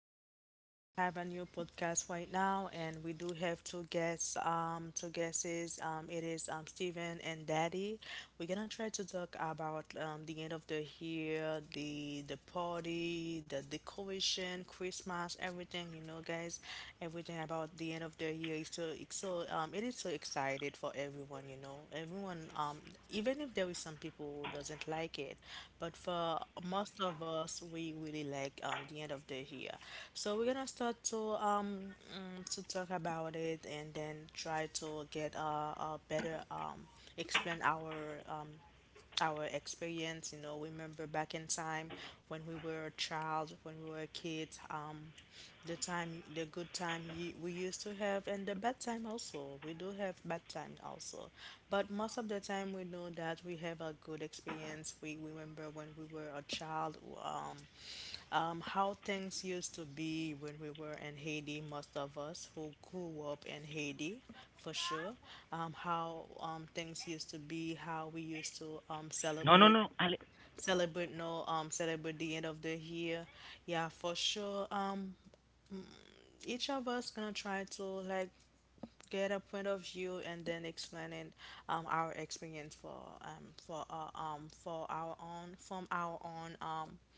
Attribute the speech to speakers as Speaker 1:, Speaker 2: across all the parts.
Speaker 1: We have a new podcast right now, and we do have two guests, two guesses. It is Steven and Daddy. We're gonna try to talk about the end of the year, the party, the decoration, Christmas, everything, you know guys, everything about the end of the year is so it's so it is so excited for everyone, you know. Everyone Even if there is some people who doesn't like it, but for most of us we really like the end of the year. So we're gonna start to to talk about it and then try to get a better explain our experience, remember back in time when we were a child, when we were a kid. The time, the good time we used to have, and the bad time also. We do have bad time also, but most of the time we know that we have a good experience. We remember when we were a child, how things used to be when we were in Haiti, most of us who grew up in Haiti, for sure. How things used to be, how we used to
Speaker 2: No, no,
Speaker 1: celebrate,
Speaker 2: no, Ale,
Speaker 1: no, celebrate the end of the year. Yeah, for sure. Each of us gonna try to like get a point of view and then explaining our experience for for our own from our own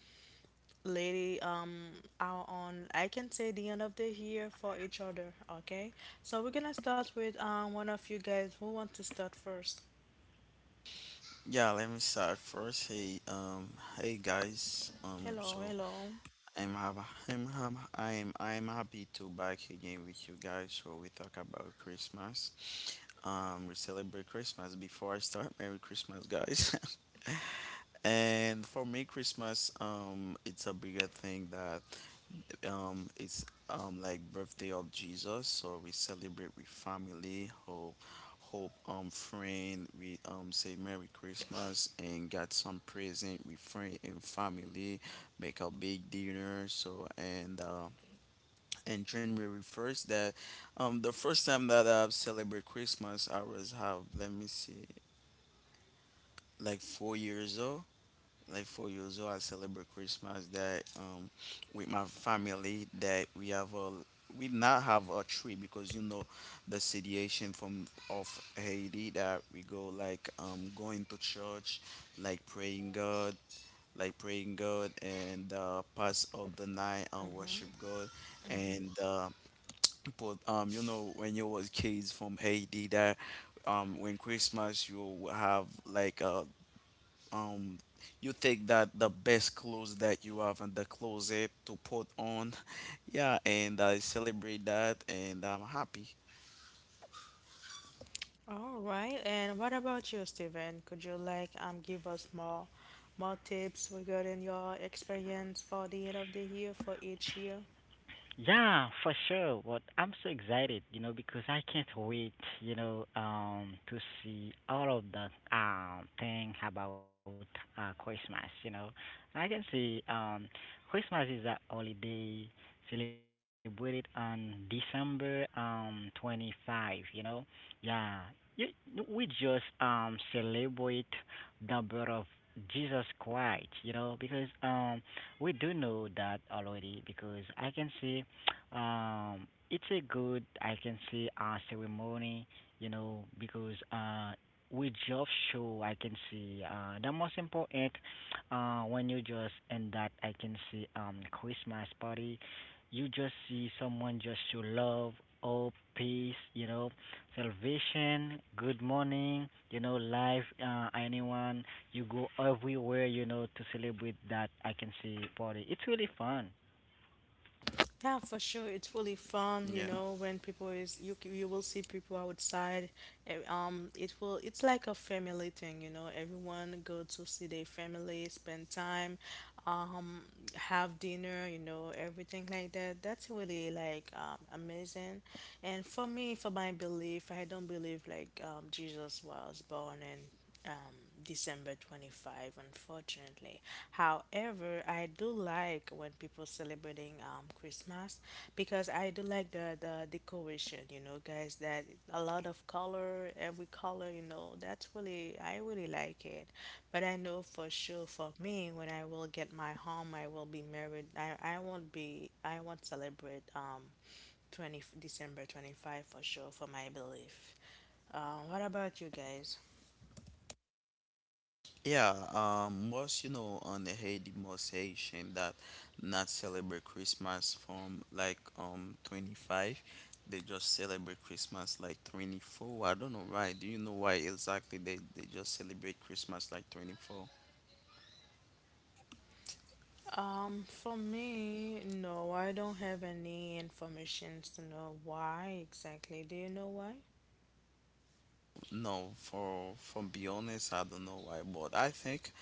Speaker 1: lady are on I can say the end of the year for each other, okay? So we're gonna start with one of you guys who want to start first.
Speaker 3: Yeah, let me start first. Hey, hey guys. Um,
Speaker 1: Hello,
Speaker 3: so
Speaker 1: hello.
Speaker 3: I'm hab- I'm hab- I'm happy to back again with you guys. So we talk about Christmas. We celebrate Christmas. Before I start, Merry Christmas, guys. And for me, Christmas, it's a bigger thing that it's like birthday of Jesus, so we celebrate with family, hope friend. We say Merry Christmas and got some present with friend and family, make a big dinner, so and January 1st, that the first time that I celebrate Christmas. I was have, let me see, like 4 years old, like for you. So I celebrate Christmas that with my family, that we have a we not have a tree because you know the situation from of Haiti, that we go like going to church, like praying God, like praying God, and pass of the night and worship
Speaker 1: Mm-hmm,
Speaker 3: God.
Speaker 1: mm-hmm.
Speaker 3: And but you know when you was kids from Haiti that when Christmas, you will have like um you take that the best clothes that you have in the closet to put on. Yeah, and I celebrate that, and I'm happy.
Speaker 1: All right, and what about you, Steven? Could you like give us more tips regarding your experience for the end of the year for each year?
Speaker 2: Yeah, for sure. But I'm so excited, you know, because I can't wait, you know, to see all of the thing about Christmas, you know. I can see Christmas is a holiday celebrated on December 25, you know. Yeah. You, we just celebrate the birth of Jesus Christ, you know, because we do know that already because I can see it's a good, I can say, ceremony, you know, because with job show, I can see the most important when you just end that, I can see Christmas party, you just see someone just show love, hope, peace, you know, salvation, good morning, you know, life, anyone, you go everywhere, you know, to celebrate that, I can see party. It's really fun.
Speaker 1: Yeah, for sure. It's really fun, you
Speaker 3: Yeah,
Speaker 1: know, when people is you will see people outside. It's like a family thing, you know. Everyone go to see their family, spend time, um, have dinner, you know, everything like that. That's really like amazing. And for me, for my belief, I don't believe like Jesus was born and um, December 25, unfortunately. However, I do like when people celebrating Christmas because I do like the decoration, you know, guys, that a lot of color, every color, you know, that's really, I really like it. But I know for sure for me, when I will get my home, I will be married, I won't celebrate 20, December 25 for sure, for my belief. What about you guys?
Speaker 3: yeah, most on the Haiti, most Haitian that not celebrate Christmas from like 25. They just celebrate Christmas like 24. I don't know why. Do you know why exactly? They just celebrate Christmas like 24.
Speaker 1: For me, no, I don't have any informations to know why exactly. Do you know why?
Speaker 3: No, for from be honest, I don't know why, but I think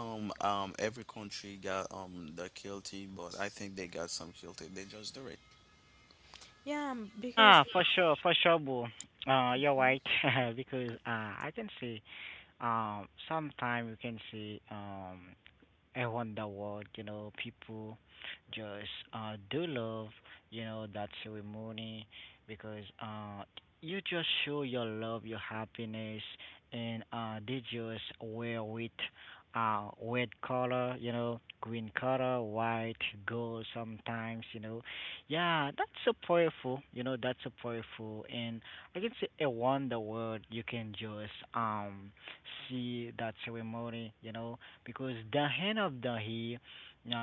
Speaker 3: every country got the guilty, but I think they got some guilty. They just do it.
Speaker 1: Yeah,
Speaker 2: Ah,
Speaker 1: because.
Speaker 2: for sure, boo. You're right
Speaker 1: Mhm.
Speaker 2: because I can see sometime you can see around the world, you know, people just do love, you know, that ceremony because you just show your love, your happiness, and they just wear with red color, you know, green color, white, gold sometimes, you know. Yeah, that's so powerful, you know, that's so powerful. And I can say around the world, you can just see that ceremony, you know because Dahen of Dahi,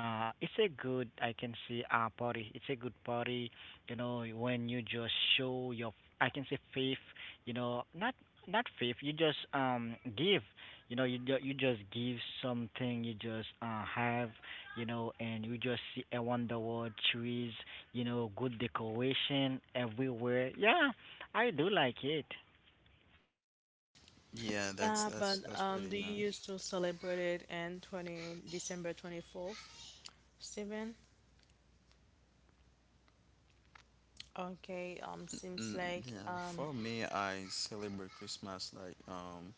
Speaker 2: it's a good I can say party. It's a good party, you know, when you just show your I can say faith, you know, not faith. You just give, you know, you just give something. You just have, you know, and you just see a wonder world trees, you know, good decoration everywhere. Yeah, I do like it.
Speaker 3: Yeah,
Speaker 1: Yeah, but
Speaker 3: that's pretty
Speaker 1: do you
Speaker 3: nice.
Speaker 1: used to celebrate it in 20 December 24th, Stephen? Okay,
Speaker 3: Mm,
Speaker 1: seems like
Speaker 3: yeah, for me, I celebrate Christmas like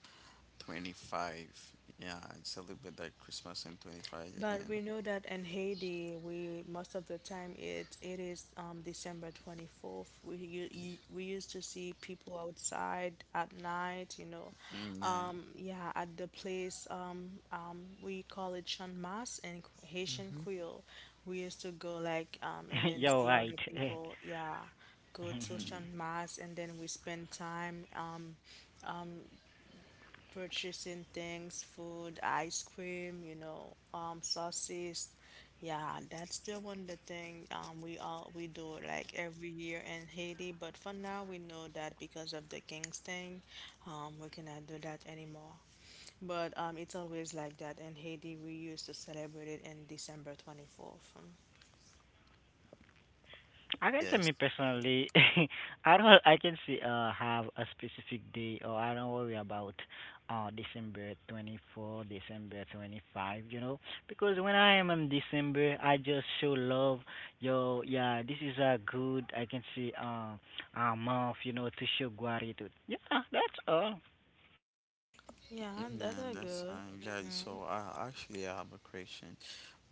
Speaker 3: 25. Yeah, I celebrate like Christmas in 25 and
Speaker 1: But we know that in Haiti, we most of the time it is December 24th. We used to see people outside at night, you know,
Speaker 3: mm, yeah,
Speaker 1: yeah, at the place we call it Chan Mas in Haitian Creole. We used to go like and then
Speaker 2: You're
Speaker 1: see
Speaker 2: right.
Speaker 1: other people, yeah, go to
Speaker 3: mm,
Speaker 1: Chan Mas and then we spend time. Purchasing things, food, ice cream, you know, sauces. Yeah, that's the thing we all we do like every year in Haiti. But for now, we know that because of the King's thing, we cannot do that anymore. But it's always like that in Haiti. We used to celebrate it in December 24th.
Speaker 2: I can say me
Speaker 3: yes.
Speaker 2: personally, I don't. I can see have a specific day, or I don't worry about December 24, December 25. You know, because when I am in December, I just show love. Yo, yeah, this is a good. I can see a month. You know, to show gratitude. Yeah, that's all.
Speaker 1: Yeah, that
Speaker 3: Yeah,
Speaker 1: are
Speaker 3: that's
Speaker 1: good.
Speaker 3: fine. Yeah, so I actually have a question.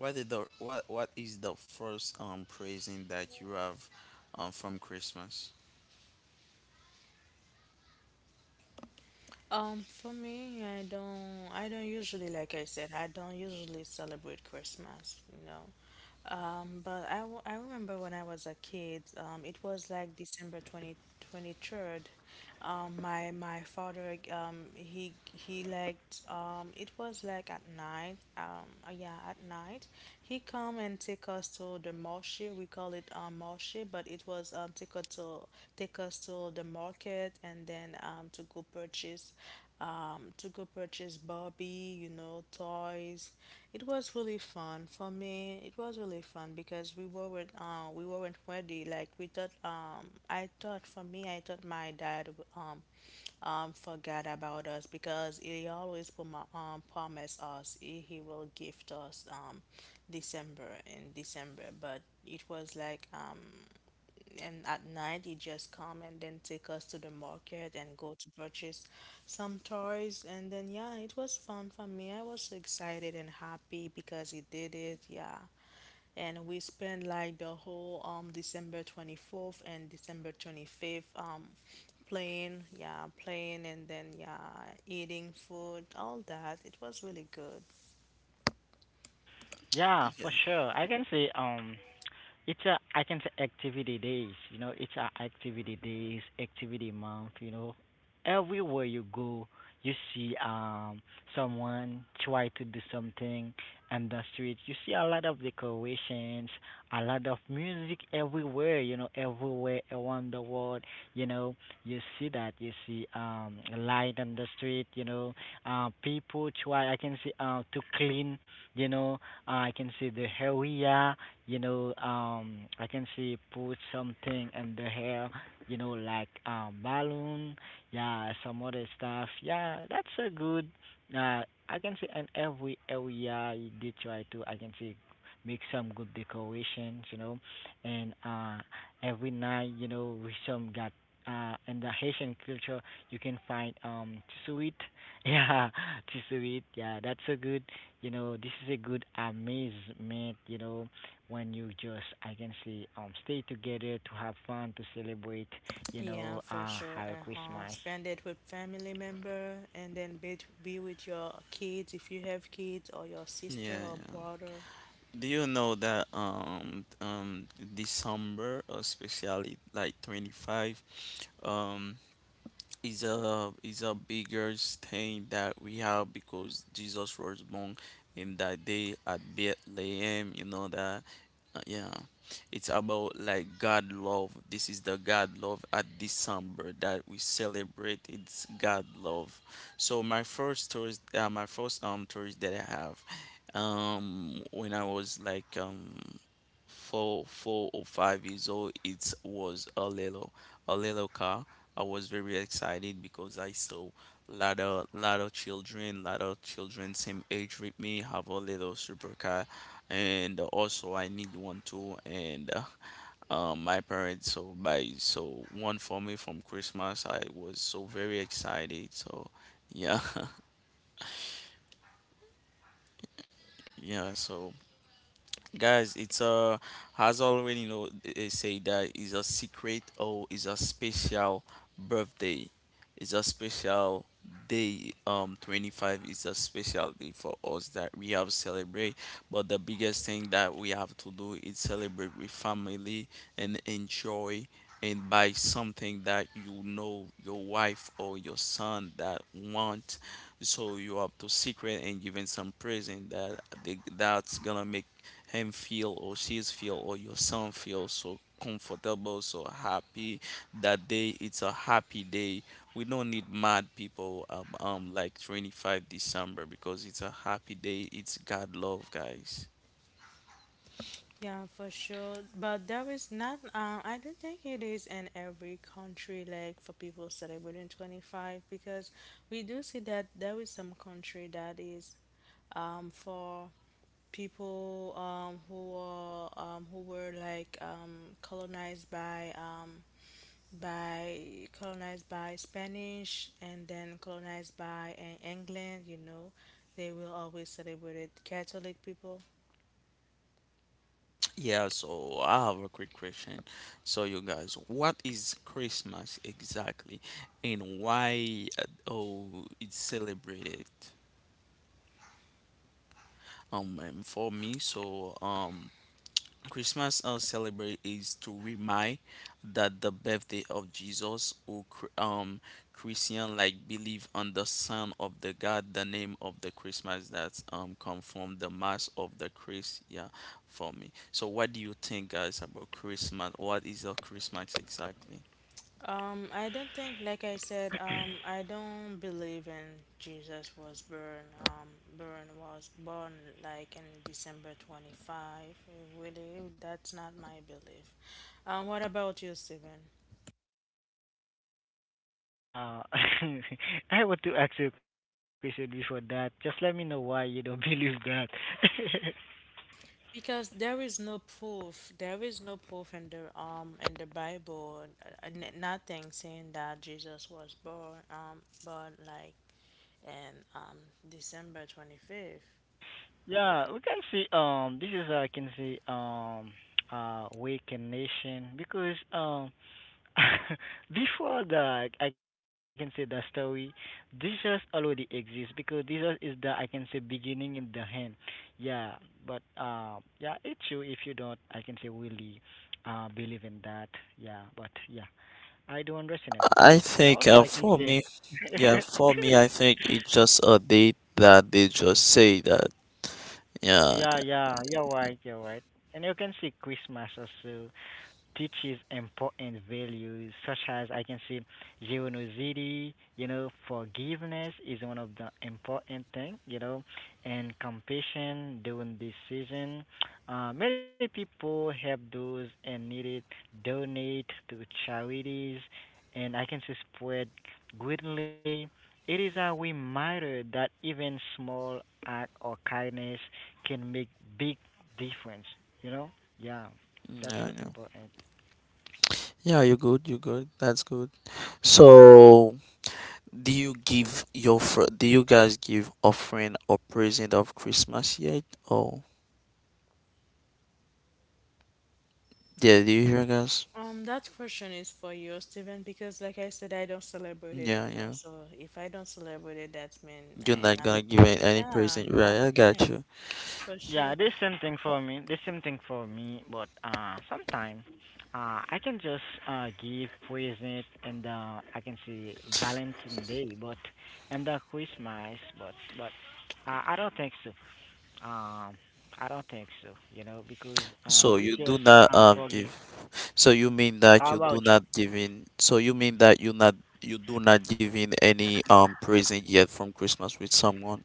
Speaker 3: What is the first present that you have from Christmas?
Speaker 1: For me, I don't usually, like I said, I don't usually celebrate Christmas, you know. But I remember when I was a kid, it was like December twenty twenty third. My father, he liked, it was like at night, yeah, at night. He come and take us to the marché. We call it, marché, but it was, take us to the market and then, to go purchase Barbie, you know, toys. It was really fun for me. It was really fun because we weren't ready. Like we thought, I thought for me, I thought my dad um, forgot about us because he always promised us he will gift us December in December, but it was like and at night, you just come and then take us to the market and go to purchase some toys. And then, yeah, it was fun for me. I was so excited and happy because he did it. Yeah, and we spent like the whole December 24th and December 25th playing. Yeah, playing and then, yeah, eating food, all that. It was really good.
Speaker 2: Yeah,
Speaker 3: Yeah.
Speaker 2: for sure. I can say it's a I can say activity days, you know, it's a activity days, activity month, you know. Everywhere you go, you see someone try to do something in the street. You see a lot of decorations, a lot of music everywhere, you know, everywhere around the world, you know. You see that, you see light on the street, you know. People try I can see to clean, you know, I can see the area, you know, I can see put something in the hair, you know, like balloon, yeah, some other stuff. Yeah, that's a good. Uh, I can see in every area you did try to. I can see make some good decorations, you know, and every night, you know, we some got. In the Haitian culture, you can find tsuit, yeah, tsuit, yeah, that's so good you know, this is a good amazement, you know, when you just, I can say, stay together to have fun, to celebrate, you
Speaker 1: Yeah,
Speaker 2: know,
Speaker 1: for sure.
Speaker 2: Happy
Speaker 1: Uh-huh.
Speaker 2: Christmas.
Speaker 1: Spend it with family member and then be with your kids if you have kids or your
Speaker 3: Yeah,
Speaker 1: sister or
Speaker 3: yeah.
Speaker 1: brother.
Speaker 3: Do you know that December, especially like 25, um is a bigger thing that we have because Jesus was born in that day at Bethlehem. You know that, yeah. It's about like God love. This is the God love at December that we celebrate. It's God love. So my first tourist, that I have, when I was like 4 or 5 years old, it was a little car. I was very excited because I saw lot of children same age with me have a little supercar, and also I need one too, and my parents so buy so one for me from Christmas. I was so very excited, so yeah. Yeah, so guys, it's has already know, they say that is a secret or is a special birthday. It's a special day. 25 is a special day for us that we have celebrate, but the biggest thing that we have to do is celebrate with family and enjoy, and buy something that you know your wife or your son that want, so you have to secret and giving some present that that's gonna make him feel or she's feel or your son feel so comfortable, so happy. That day, it's a happy day. We don't need mad people like 25 December because it's a happy day. It's God love, guys.
Speaker 1: Yeah, for sure. But there is not, I don't think it is in every country like for people celebrating 25 because we do see that there is some country that is for people who are who were like colonized by colonized by Spanish and then colonized by England, you know, they will always celebrate Catholic people.
Speaker 3: Yeah, so I have a quick question. So you guys, what is Christmas exactly, and why oh it's celebrated? And for me, so Christmas, celebrate is to remind that the birthday of Jesus, who Christian like believe on the Son of the God, the name of the Christmas that come from the mass of the Christ. Yeah, for me. So what do you think, guys, about Christmas? What is a Christmas exactly?
Speaker 1: I don't think, like I said, I don't believe in Jesus was born. Um, Born was born like in December 25. Really, that's not my belief. What about you, Stephen?
Speaker 2: Uh, I want to ask you a question before that. Just let me know why you don't believe that.
Speaker 1: Because there is no proof, there is no proof in the Bible, nothing saying that Jesus was born like in December 25th.
Speaker 2: Yeah, we can see this is I can see weakened nation because Before the, I can say the story, Jesus already exists because Jesus is the, I can say, beginning in the end. Yeah, but yeah, it's true if you don't, I can say, really believe in that. Yeah, but yeah, I do understand
Speaker 3: I
Speaker 2: everything. And
Speaker 3: think,
Speaker 2: also, I can
Speaker 3: for me,
Speaker 2: say,
Speaker 3: yeah, for me, I think it's just a date that they just say that. Yeah,
Speaker 2: yeah, you're right, you're right. And you can see Christmas also. Teaches important values such as I can say generosity, you know, forgiveness is one of the important thing, you know, and compassion during this season. Many people help those and need it, donate to charities, and I can say spread greatly. It is a reminder that even small act or kindness can make big difference, you know? Yeah, that's so
Speaker 3: yeah.
Speaker 2: important.
Speaker 3: Yeah, you're good. You're good. That's good. So, do you guys give offering or present of Christmas yet? Oh, yeah, do you hear guys?
Speaker 1: That question is for you, Stephen, because like I said, I don't celebrate it,
Speaker 3: Yeah,
Speaker 1: though.
Speaker 3: yeah.
Speaker 1: So if I don't celebrate it, that means
Speaker 3: You're
Speaker 1: I
Speaker 3: not
Speaker 1: not,
Speaker 3: gonna give any
Speaker 1: yeah,
Speaker 3: present, right? I got
Speaker 1: nothing
Speaker 3: you.
Speaker 1: for sure.
Speaker 2: Yeah, it is same thing for me. The same thing for me, but sometimes I can just give present and I can say Valentine Day, but and Christmas, but I don't think so. Um, I don't think so. You know, because
Speaker 3: So you do
Speaker 2: uh, we
Speaker 3: not
Speaker 2: just
Speaker 3: give.
Speaker 2: forget.
Speaker 3: So you mean that you do
Speaker 2: How
Speaker 3: not
Speaker 2: about you?
Speaker 3: giving. So you mean that you not you do not giving any present yet from Christmas with someone.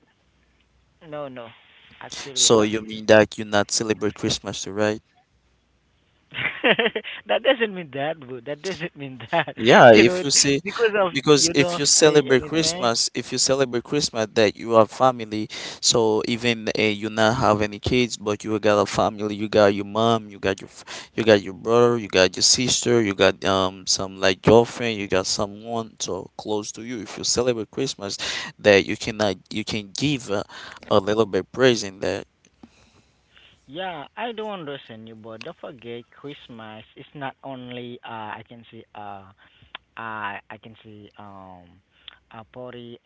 Speaker 2: No, no,
Speaker 3: So you
Speaker 2: actually
Speaker 3: mean
Speaker 2: no.
Speaker 3: that you not celebrate Christmas, right?
Speaker 2: That doesn't mean that, bro. That doesn't mean
Speaker 3: Yeah,
Speaker 2: that.
Speaker 3: if you
Speaker 2: You
Speaker 3: see,
Speaker 2: know, because
Speaker 3: because
Speaker 2: of
Speaker 3: if you
Speaker 2: you don't
Speaker 3: celebrate
Speaker 2: say
Speaker 3: Christmas,
Speaker 2: anything.
Speaker 3: that you have family, so even you not have any kids, but you got a family, you got your mom, you got your brother, you got your sister, you got some like girlfriend, you got someone so close to you. If you celebrate Christmas, that you cannot, you can give a little bit praise in that.
Speaker 2: Yeah, I do understand you, but don't forget Christmas is not only I can say I can see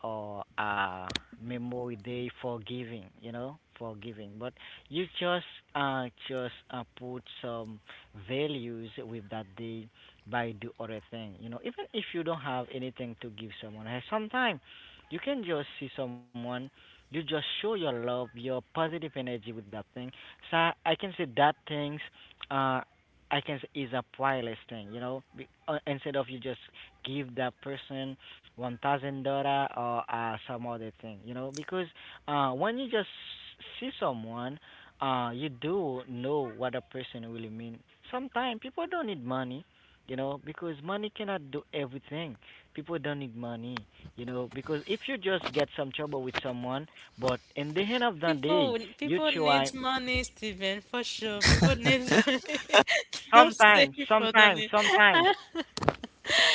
Speaker 2: a party or a memory day for giving, you know, for giving. But you just put some values with that day by do other thing, you know. Even if you don't have anything to give someone, eh, sometimes you can just see someone. You just show your love, your positive energy with that thing. So I can say that things. Uh, I can say is a wireless thing, you know. Instead of you just give that person $1,000 or some other thing, you know, because when you just see someone, you do know what a person really mean. Sometimes people don't need money, you know, because money cannot do everything. People don't need money, you know, because if you just get some trouble with someone, but in
Speaker 1: People,
Speaker 2: the end of
Speaker 1: people
Speaker 2: the
Speaker 1: need
Speaker 2: day, you
Speaker 1: money,
Speaker 2: try
Speaker 1: Stephen, for sure. People need money. Don't say people don't need.
Speaker 2: sometimes,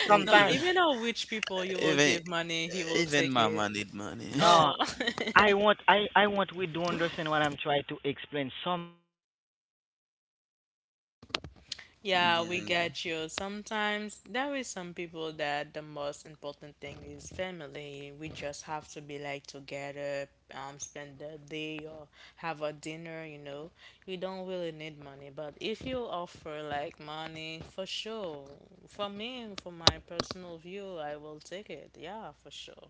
Speaker 3: E-
Speaker 1: No,
Speaker 3: Even
Speaker 1: even a rich people, you will
Speaker 3: even
Speaker 1: give money, he will
Speaker 3: even
Speaker 1: take it.
Speaker 3: mama need money.
Speaker 1: Oh,
Speaker 2: no, I want, I want we do understand what I'm trying to explain. Some,
Speaker 1: yeah, we
Speaker 3: Yeah.
Speaker 1: get you. Sometimes there is some people that the most important thing is family. We just have to be like together, spend the day or have a dinner, you know. You don't really need money, but if you offer like money, for sure. For me, for my personal view, I will take it. Yeah, for sure.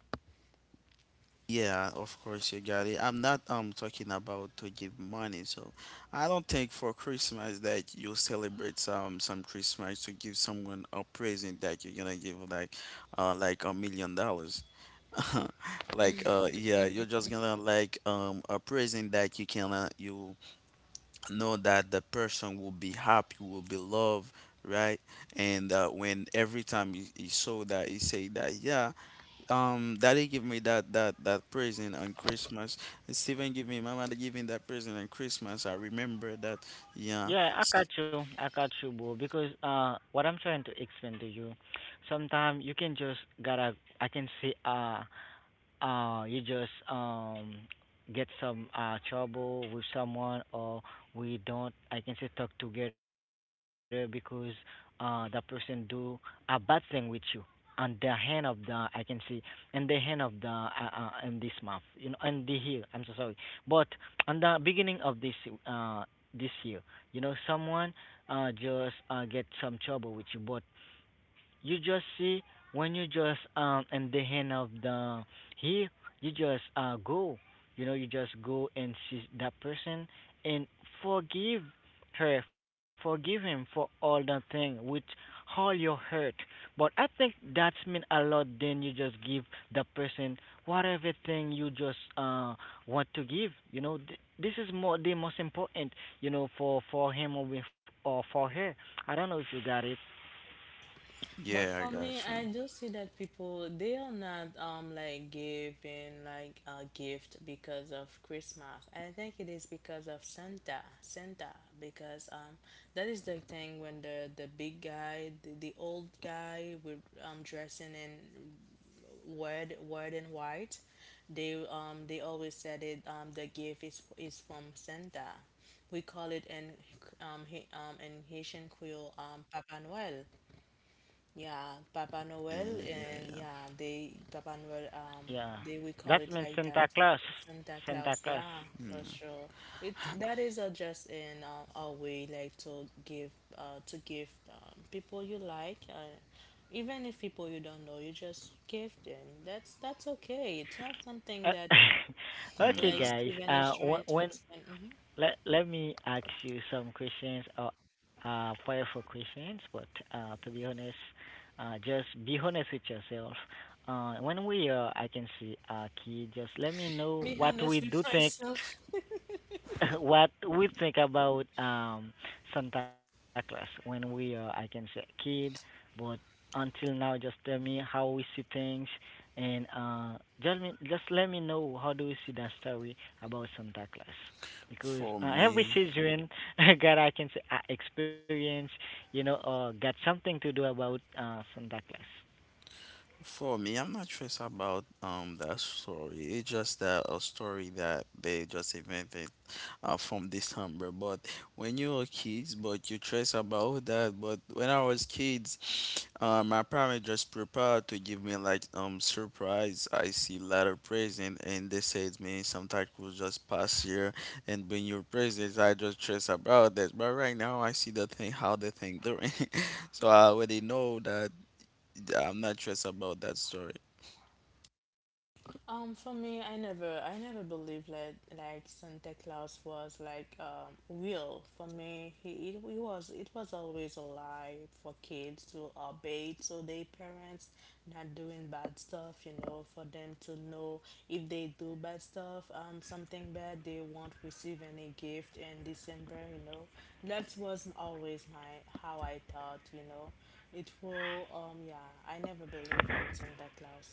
Speaker 3: Yeah, of course you got it. I'm not talking about to give money, so I don't think for Christmas that you celebrate some Christmas to give someone a present that you're gonna give like $1 million. Like yeah, you're just gonna like a present that you can you know that the person will be happy, will be loved, right? And when every time he saw that, he say that, yeah, Daddy give me that present on Christmas. Steven give me, Mama give me that present on Christmas. I remember that. Yeah,
Speaker 2: yeah, I got you, bro. Because what I'm trying to explain to you, sometimes you can just gotta, I can say you just get some trouble with someone or we don't I can say talk together because that person do a bad thing with you on the hand of the I can see in the hand of the in this month, you know, in the year. I'm so sorry, but on the beginning of this uh this year, you know, someone just get some trouble with you, but you just see when you just in the hand of the he, you just go, you know, you just go and see that person and forgive her, forgive him for all the thing with all your hurt, but I think that's mean a lot. Then you just give the person whatever thing you just want to give, you know. This is more the most important, you know, for him or with or for her. I don't know if you got it.
Speaker 1: But
Speaker 3: yeah, I
Speaker 1: for me,
Speaker 3: got you.
Speaker 1: I do see that people they are not like giving like a gift because of Christmas. I think it is because of Santa, because that is the thing when the big guy, the old guy with dressing in red and white, they always said it the gift is from Santa. We call it in in Haitian Creole Papa Noel. Yeah, Papa
Speaker 3: Yeah,
Speaker 1: Noel and
Speaker 3: yeah,
Speaker 1: yeah, they Papa Noel
Speaker 2: Yeah,
Speaker 1: they we call
Speaker 2: that
Speaker 1: it
Speaker 2: means
Speaker 1: like
Speaker 2: Santa
Speaker 1: that.
Speaker 2: Claus.
Speaker 1: Santa
Speaker 2: Santa
Speaker 1: Claus,
Speaker 2: Claus.
Speaker 1: yeah, for
Speaker 3: yeah.
Speaker 1: sure. It that is just in a way like to give people you like, even if people you don't know, you just give them. That's okay. It's not something
Speaker 2: Uh,
Speaker 1: that
Speaker 2: okay,
Speaker 1: like
Speaker 3: Yeah.
Speaker 2: guys.
Speaker 1: Steven is trying
Speaker 2: Wh-
Speaker 1: to
Speaker 2: when
Speaker 1: explain. Mm-hmm.
Speaker 2: let let me ask you some questions or powerful questions, but to be honest, just be honest with yourself. When we are, I can see a kid. Just let me know
Speaker 1: Me,
Speaker 2: what
Speaker 1: honest
Speaker 2: we
Speaker 1: with
Speaker 2: do think
Speaker 1: myself.
Speaker 2: what we think about Santa Claus when we are I can say kid, but until now just tell me how we see things and just me just let me know how do we see that story about Santa Claus because
Speaker 3: For
Speaker 2: every
Speaker 3: me.
Speaker 2: children got I can say experience, you know, got something to do about Santa Claus.
Speaker 3: For me, I'm not sure it's about that story. It's just that a story that they just invented, from December. But when you were kids, but you trace about that. But when I was kids, my parents just prepared to give me like surprise. I see letter present, and they said me sometimes will just pass here and bring your presents. I just trace about that. But right now, I see the thing how the thing doing, so I already know that. Yeah, I'm not sure about that story.
Speaker 1: For me, I never believed that like Santa Claus was like real. For me, he it, he was it was always a lie for kids to obey to their parents, not doing bad stuff. You know, for them to know if they do bad stuff, something bad, they won't receive any gift in December. You know, that was always my how I thought. You know, it will. Yeah, I never believe in Santa Claus.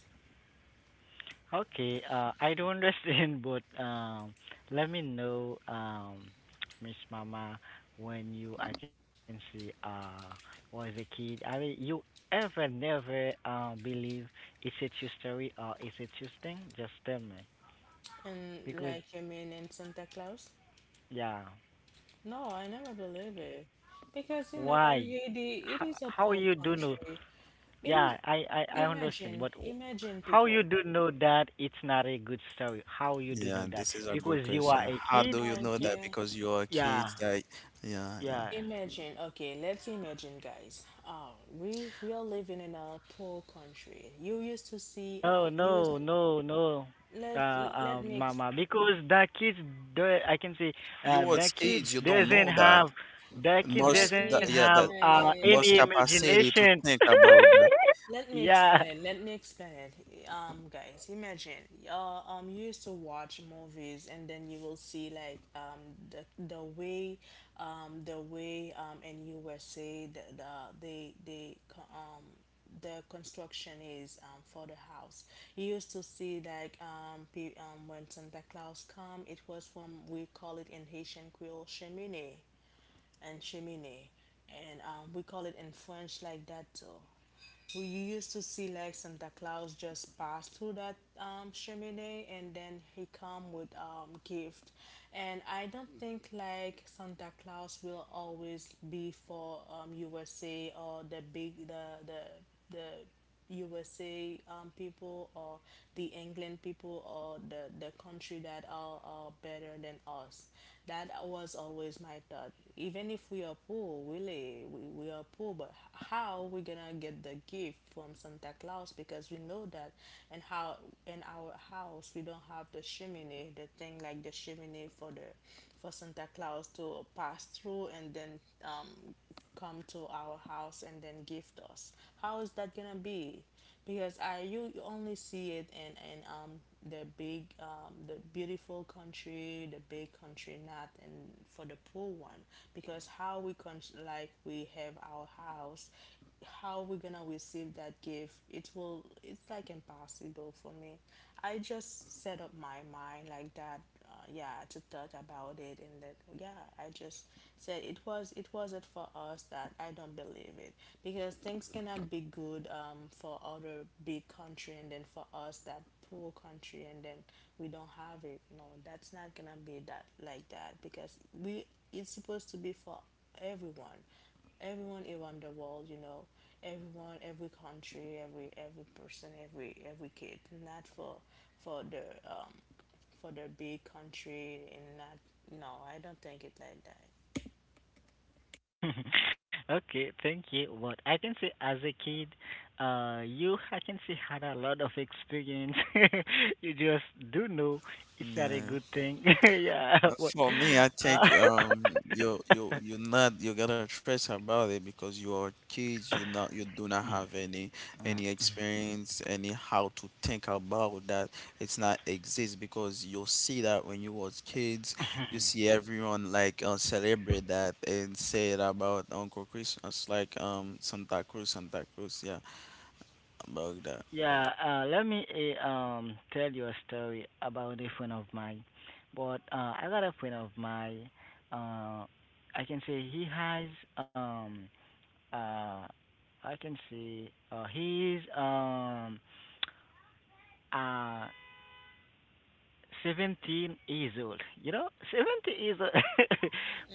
Speaker 2: Okay, I do understand, but let me know, Miss Mama, when you, I can see, was a kid. I mean, you ever never believe it's a true story or it's a true thing? Just tell me,
Speaker 1: And
Speaker 2: because
Speaker 1: like you mean in Santa Claus?
Speaker 2: yeah,
Speaker 1: No, I never believe it. Because you know,
Speaker 2: why?
Speaker 1: in Haiti, it is
Speaker 2: How
Speaker 1: a
Speaker 2: you
Speaker 1: poor
Speaker 2: do know?
Speaker 1: country. It
Speaker 2: Yeah,
Speaker 1: is
Speaker 2: I understand, but
Speaker 1: Imagine,
Speaker 2: how you
Speaker 1: people.
Speaker 2: do know that it's not a good story? How you do know
Speaker 3: Yeah,
Speaker 2: that?
Speaker 3: this is a
Speaker 2: Because
Speaker 3: good
Speaker 2: you are
Speaker 3: question.
Speaker 2: a
Speaker 3: How
Speaker 2: kid.
Speaker 3: do you know
Speaker 2: You,
Speaker 3: that?
Speaker 1: Okay.
Speaker 3: Because you are
Speaker 2: yeah.
Speaker 3: kids that yeah, yeah.
Speaker 2: Yeah.
Speaker 1: Imagine, okay, let's imagine guys. We are living in a poor country. You used to see
Speaker 2: No,
Speaker 1: you
Speaker 2: no,
Speaker 1: used,
Speaker 2: no, no.
Speaker 1: let let me ex
Speaker 2: Mama, because the kids, the I can say,
Speaker 3: You
Speaker 2: the
Speaker 3: was
Speaker 2: kids
Speaker 3: kids, you don't
Speaker 2: doesn't
Speaker 3: know
Speaker 2: have,
Speaker 3: that.
Speaker 2: the kids
Speaker 1: let
Speaker 2: doesn't
Speaker 3: Most
Speaker 1: me
Speaker 3: the,
Speaker 2: have
Speaker 3: yeah, that
Speaker 1: explain
Speaker 2: uh
Speaker 1: it.
Speaker 2: any
Speaker 3: most capacity
Speaker 2: imagination.
Speaker 3: to think about that.
Speaker 1: Let me
Speaker 2: yeah.
Speaker 1: explain. Let me explain. Guys, imagine you're you used to watch movies, and then you will see like the way, in USA they they co- um the construction is for the house. You used to see like when Santa Claus come, it was from we call it in Haitian Creole cheminée and cheminée, and we call it in French like that too. We used to see like Santa Claus just pass through that chimney and then he come with gift. And I don't think like Santa Claus will always be for USA or the USA people or the England people or the country that are better than us. That was always my thought. Even if we are poor, really, we are poor, but how are we gonna get the gift from Santa Claus, because we know that. And how in our house we don't have the chimney, the thing like the chimney for the for Santa Claus to pass through and then come to our house and then gift us. How is that gonna be? Because I you, you only see it in the big the beautiful country, the big country, not and for the poor one. Because how like we have our house, how we're gonna receive that gift. It's like impossible for me. I just set up my mind like that. Yeah, to thought about it. And that, yeah, I just said it wasn't for us, that I don't believe it, because things cannot be good for other big country and then for us that poor country. And then we don't have it. No, that's not gonna be that like that. Because we it's supposed to be for everyone, everyone around the world, everyone, every country, every person, every kid. Not for for the um for the big country in that. No, I don't think it like that.
Speaker 2: Okay, thank you. But I can say as a kid, you I can say had a lot of experience. You just do know it's not
Speaker 3: Yeah.
Speaker 2: a
Speaker 3: Yeah.
Speaker 2: good thing. yeah, but
Speaker 3: For me, I think you
Speaker 2: uh,
Speaker 3: you you not you gotta trust about it because you are kids. You do not
Speaker 2: Mm,
Speaker 3: have any experience, any how to think about that. It's not exist because you see that when you was kids, you
Speaker 2: mm.
Speaker 3: see everyone like celebrate that and say it about Uncle Christmas, like Santa Cruz, Santa Cruz, yeah, about that.
Speaker 2: Yeah, let me tell you a story about a friend of mine. But I got a friend of mine. Uh, I can say he has um uh I can say he is uh 17 years old. You know, 17 years old.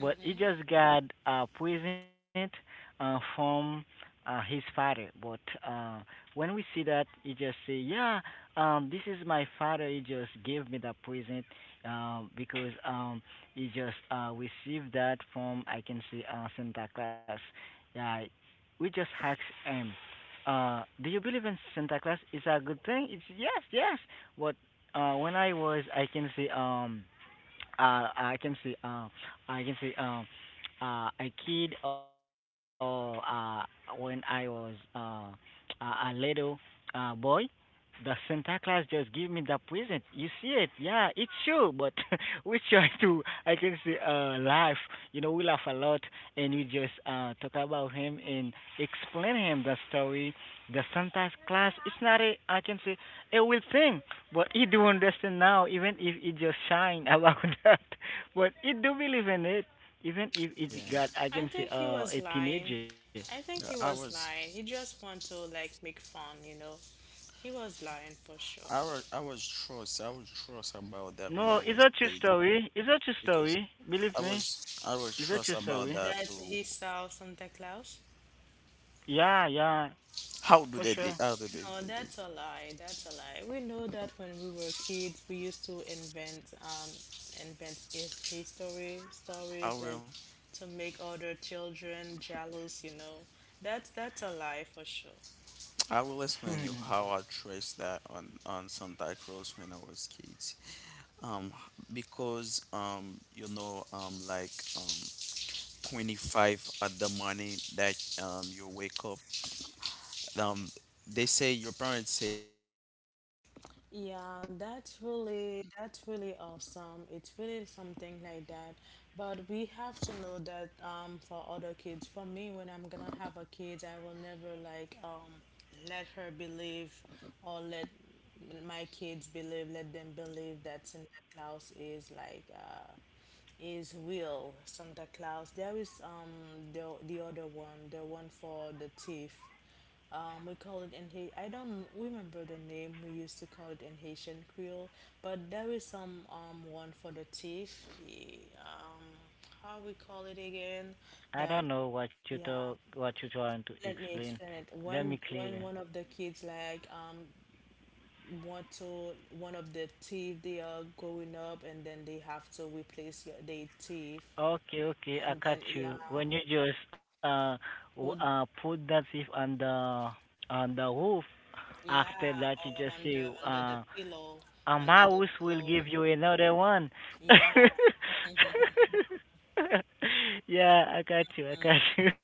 Speaker 2: But he just got a present from his father. But uh, when we see that, he just say, "Yeah, this is my father. He just gave me the present because he just received that from I can say Santa Claus." Yeah, we just asked him. Do you believe in Santa Claus? Is a good thing? It's yes, yes. But when I was, I can say, I can say, I can say, a kid or when I was a little boy, the Santa Claus just give me the present. You see it? Yeah, it's true. But we try to, laugh. You know, we laugh a lot, and we just talk about him and explain him the story. The Santa Claus. It's not a, a real thing. But you do understand now, even if it just shine about that, but it do believe in it. Even if it
Speaker 3: Yeah,
Speaker 2: got,
Speaker 1: I think he
Speaker 2: a
Speaker 1: was lying.
Speaker 2: teenager.
Speaker 1: I think
Speaker 3: yeah,
Speaker 1: he was lying, he just want to like make fun, he was lying for sure,
Speaker 3: I was trust, I was trust about that
Speaker 2: No,
Speaker 3: when I
Speaker 2: it's a
Speaker 3: was
Speaker 2: true
Speaker 3: kids.
Speaker 2: story. It's a true
Speaker 3: Because.
Speaker 2: story. Believe me,
Speaker 3: I was
Speaker 2: it's a true
Speaker 3: trust
Speaker 2: story.
Speaker 3: about that
Speaker 1: that
Speaker 3: too.
Speaker 1: he saw Santa Claus.
Speaker 2: Yeah, yeah, for sure.
Speaker 3: How do they
Speaker 1: No,
Speaker 3: do
Speaker 1: that's
Speaker 3: this?
Speaker 1: a lie. That's a lie, we know that when we were kids we used to invent his history
Speaker 3: I
Speaker 1: stories
Speaker 3: will
Speaker 1: like to make other children jealous. That's a lie for sure.
Speaker 3: I will explain you how I traced that on Santa Cruz when I was kids. Um, because like um 25 at the morning that you wake up, um they say your parents say.
Speaker 1: Yeah, that's really awesome. It's really something like that. But we have to know that for other kids. For me, when I'm gonna have a kid, I will never like let her believe, or let my kids believe, let them believe that Santa Claus is is real Santa Claus. There is the other one, the one for the thief. We call it in Haiti. I don't remember the name. We used to call it in Haitian Creole, but there is some one for the teeth. Eh, how we call it again?
Speaker 2: I
Speaker 1: That
Speaker 2: don't know what you
Speaker 1: yeah.
Speaker 2: talk, what you trying to
Speaker 1: Let me
Speaker 2: explain.
Speaker 1: explain it.
Speaker 2: Let me
Speaker 1: When
Speaker 2: clearly.
Speaker 1: one of the kids like want to one of the teeth they are growing up and then they have to replace your their teeth,
Speaker 2: Okay, okay,
Speaker 1: and
Speaker 2: I
Speaker 1: then
Speaker 2: got
Speaker 1: yeah,
Speaker 2: you. When you just
Speaker 1: put
Speaker 2: put that thief on the roof, after
Speaker 1: yeah,
Speaker 2: that you
Speaker 1: or
Speaker 2: just say
Speaker 1: under the pillow,
Speaker 2: a
Speaker 1: under the
Speaker 2: mouse will
Speaker 1: pillow,
Speaker 2: give you another one.
Speaker 1: yeah.
Speaker 2: Yeah, I got you. I
Speaker 1: Mm-hmm.
Speaker 2: got you.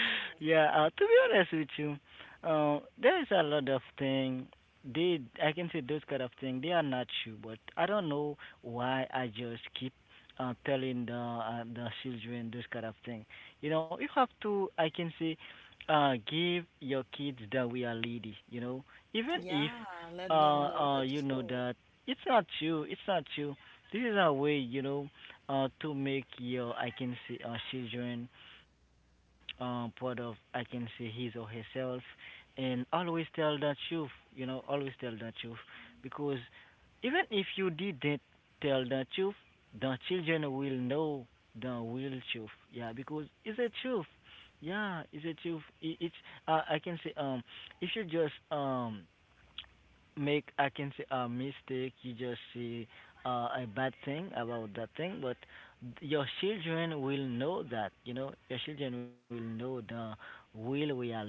Speaker 2: Yeah, to be honest with you, there's a lot of thing. They, I can say those kind of thing. They are not true, but I don't know why I just keep telling the children those kind of thing. You know, you have to. Give your kids the reality. You know, even if
Speaker 1: Yeah, let
Speaker 2: uh,
Speaker 1: them know the
Speaker 2: you know
Speaker 1: truth.
Speaker 2: that it's not you. It's not you. This is a way, you know, to make your I can see children, part of I can see his or herself, and always tell the truth. You know, always tell the truth, because even if you didn't tell the truth, the children will know the real truth. Yeah, because it's a truth. Yeah, it's a truth. It's I can say if you just make I can say a mistake, you just see a bad thing about that thing, but your children will know that, you know, your children will know the real reality.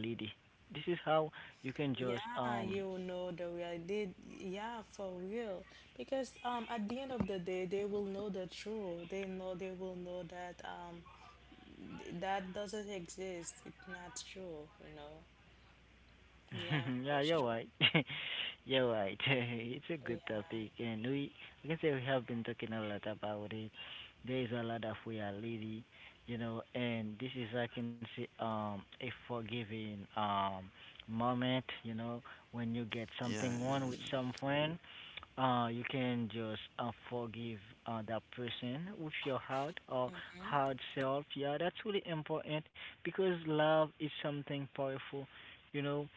Speaker 2: This is how you can just
Speaker 1: Yeah, you know the real did. Yeah, for real. Because at the end of the day, they will know the truth. They will know that that doesn't exist. It's not true. You know. Yeah,
Speaker 2: yeah,
Speaker 1: for
Speaker 2: you're right.
Speaker 1: sure.
Speaker 2: You're right. It's a good
Speaker 1: Yeah.
Speaker 2: topic, and we I can say we have been talking a lot about it. There is a lot of reality, you know, and this is I can say a forgiving moment, you know, when you get
Speaker 3: Yeah,
Speaker 2: something wrong
Speaker 3: yeah.
Speaker 2: with some friend, you can just forgive that person with your heart or
Speaker 1: Mm-hmm.
Speaker 2: hard self. Yeah, that's really important because love is something powerful, you know,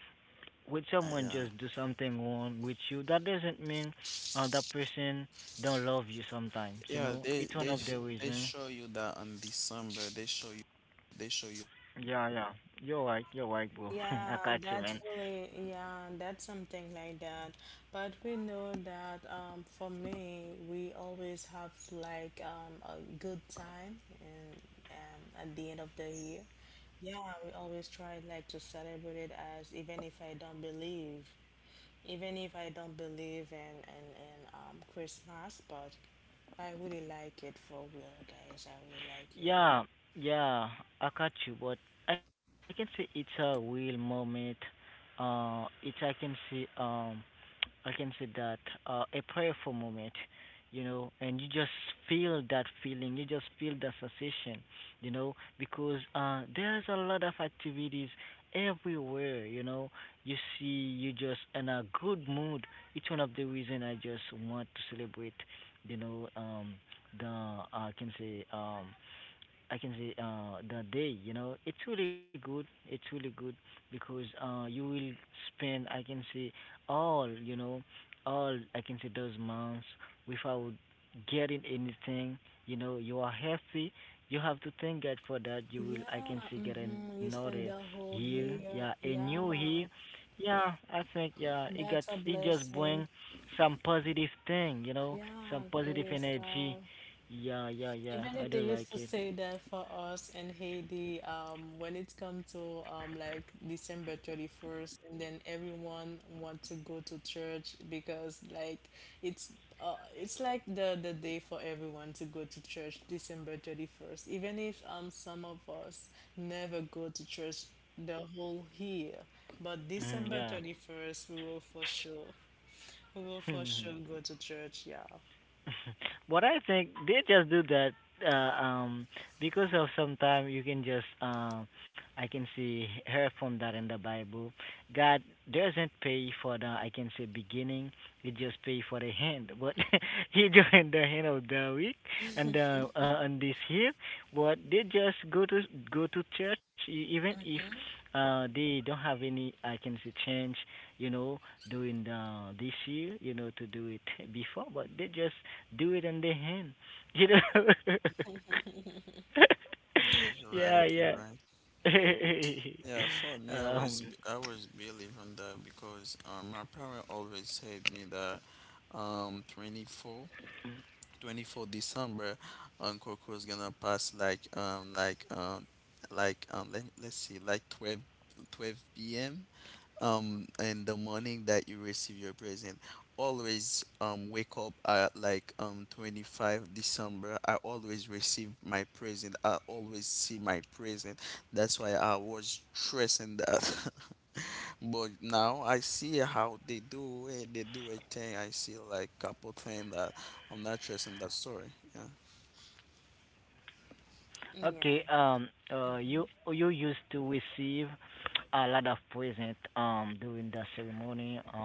Speaker 2: when
Speaker 3: Yeah,
Speaker 2: someone
Speaker 3: yeah.
Speaker 2: just do something wrong with you, that doesn't mean that person don't love you sometimes, you
Speaker 3: Yeah,
Speaker 2: know? It's one of the
Speaker 3: they
Speaker 2: reason.
Speaker 3: show you that on December, they show you.
Speaker 2: Yeah, yeah. You're right, bro. I
Speaker 1: Yeah,
Speaker 2: got you, man.
Speaker 1: that's really, yeah, that's something like that. But we know that for me, we always have like a good time, and at the end of the year. Yeah, we always try like to celebrate it as. Even if I don't believe in Christmas, but I really like it for real, guys. I really like it.
Speaker 2: Yeah, yeah, I got you, but I can say it's a real moment. It's I can say that a prayerful moment, you know, and you just feel that feeling, you just feel that sensation, you know, because there's a lot of activities everywhere, you know. You see, you just in a good mood. It's one of the reason I just want to celebrate, you know, the I can say the day. You know, it's really good. It's really good because you will spend. I can say all. You know, all. I can say those months without getting anything. You know, you are happy. You have to thank God for that. You will. I
Speaker 1: Yeah,
Speaker 2: can say get
Speaker 1: mm-hmm. You
Speaker 2: another
Speaker 1: spend the whole
Speaker 2: year. Yeah,
Speaker 1: year.
Speaker 2: a new year.
Speaker 1: Yeah,
Speaker 2: Yeah, I think yeah, it got
Speaker 1: that's a
Speaker 2: it just bring
Speaker 1: blessing.
Speaker 2: some positive thing. You know, some
Speaker 1: Yeah,
Speaker 2: positive
Speaker 1: praise
Speaker 2: energy.
Speaker 1: God.
Speaker 2: Yeah, yeah, yeah.
Speaker 1: Even
Speaker 2: I
Speaker 1: if they
Speaker 2: do
Speaker 1: used
Speaker 2: like
Speaker 1: to
Speaker 2: it.
Speaker 1: say that for us in Haiti, when it comes to like December 31st, and then everyone want to go to church, because it's it's like the day for everyone to go to church, December 31st. Even if some of us never go to church the whole year, but
Speaker 2: Mm,
Speaker 1: December
Speaker 2: yeah.
Speaker 1: 31st we will for sure, go to church. Yeah.
Speaker 2: What I think they just do that uh, um because of sometime you can just I can see her from that in the Bible. God doesn't pay for the I can say beginning, he just pay for the hand. But he joined the hand of the week and on this here. But they just go to church even if they don't have any I can say change, you know, doing the this year, you know, to do it before, but they just do it on the hand. You know?
Speaker 3: Yeah, you're right,
Speaker 2: Yeah,
Speaker 3: you're right.
Speaker 2: yeah.
Speaker 3: Yeah, for me,
Speaker 2: Um,
Speaker 3: I was believe on that because my parent always said me that um 24 24 December, Uncle Coco's gonna pass like let's see like 12 p.m in the morning that you receive your present. Always wake up at like 25 December, I always receive my present. I always see my present. That's why I was stressing that. But now I see how they do it. They do a thing. I see like couple thing that I'm not stressing that story. Yeah.
Speaker 2: okay.
Speaker 1: Yeah.
Speaker 2: Uh. You you used to receive a lot of present. During the ceremony.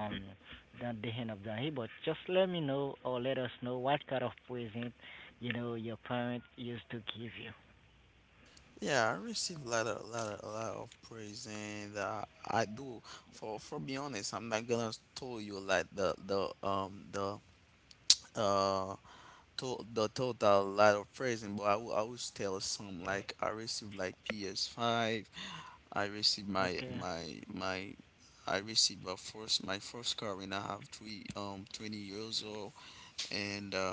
Speaker 2: At the end of the day, but just let me know or let us know what kind of present you know your parent used to give you.
Speaker 3: Yeah, I receive a lot a lot of praise, and I do. For be honest, I'm not gonna tell you like uh the total lot of praising, but I will always tell some, like I received like PS5. I received my
Speaker 2: Okay.
Speaker 3: my my I received my first car when I have three 20 years old, and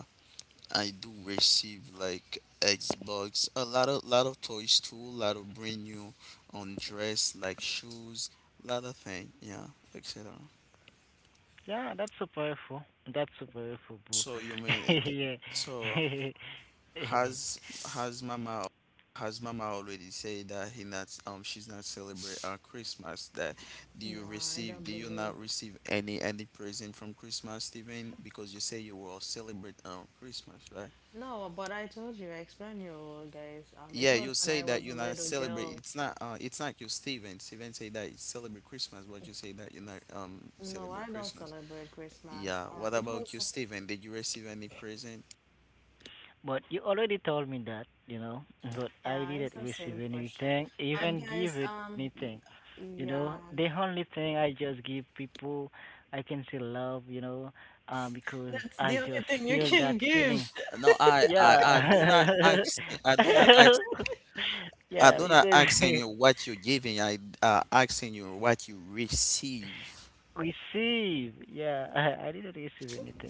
Speaker 3: I do receive like Xbox, a lot of toys too, a lot of brand new on dress like shoes, lot of thing, yeah, etc.
Speaker 2: Yeah, that's super helpful. That's super helpful,
Speaker 3: So you mean
Speaker 2: bro.
Speaker 3: it-
Speaker 2: Yeah.
Speaker 3: so has has mama has mama already said that he not she's not celebrate Christmas that
Speaker 1: Yeah, I don't
Speaker 3: do you
Speaker 1: believe.
Speaker 3: not receive any present from Christmas, Stephen, because you say you will celebrate Christmas, right?
Speaker 1: No, but I told you, I explained you guys. It
Speaker 3: Yeah,
Speaker 1: was
Speaker 3: you
Speaker 1: when
Speaker 3: say
Speaker 1: I
Speaker 3: that
Speaker 1: was a
Speaker 3: you not
Speaker 1: little
Speaker 3: celebrate.
Speaker 1: girl.
Speaker 3: It's not. It's not you, Steven. Steven say that you celebrate Christmas, but you say that you not
Speaker 1: No,
Speaker 3: celebrate
Speaker 1: I don't
Speaker 3: Christmas.
Speaker 1: celebrate
Speaker 3: Yeah.
Speaker 1: Christmas.
Speaker 3: What about you, Steven? Did you receive any present?
Speaker 2: But you already told me that, you know, but I
Speaker 1: Yeah, it's
Speaker 2: didn't
Speaker 1: the
Speaker 2: receive
Speaker 1: same question.
Speaker 2: anything,
Speaker 1: But
Speaker 2: even give
Speaker 1: guys,
Speaker 2: anything. You know,
Speaker 1: yeah,
Speaker 2: the only thing I just give people, I can say love, you know, because
Speaker 1: that's
Speaker 2: I
Speaker 1: the only
Speaker 2: just
Speaker 1: thing you
Speaker 2: feel that
Speaker 1: can
Speaker 2: feeling.
Speaker 1: give.
Speaker 3: Uh, No, I,
Speaker 2: Yeah.
Speaker 3: I, I do not ask. I do not ask. I
Speaker 2: Yeah,
Speaker 3: do not
Speaker 2: because
Speaker 3: asking you what you giving. I asking you what you receive.
Speaker 2: receive. Yeah, I didn't receive anything.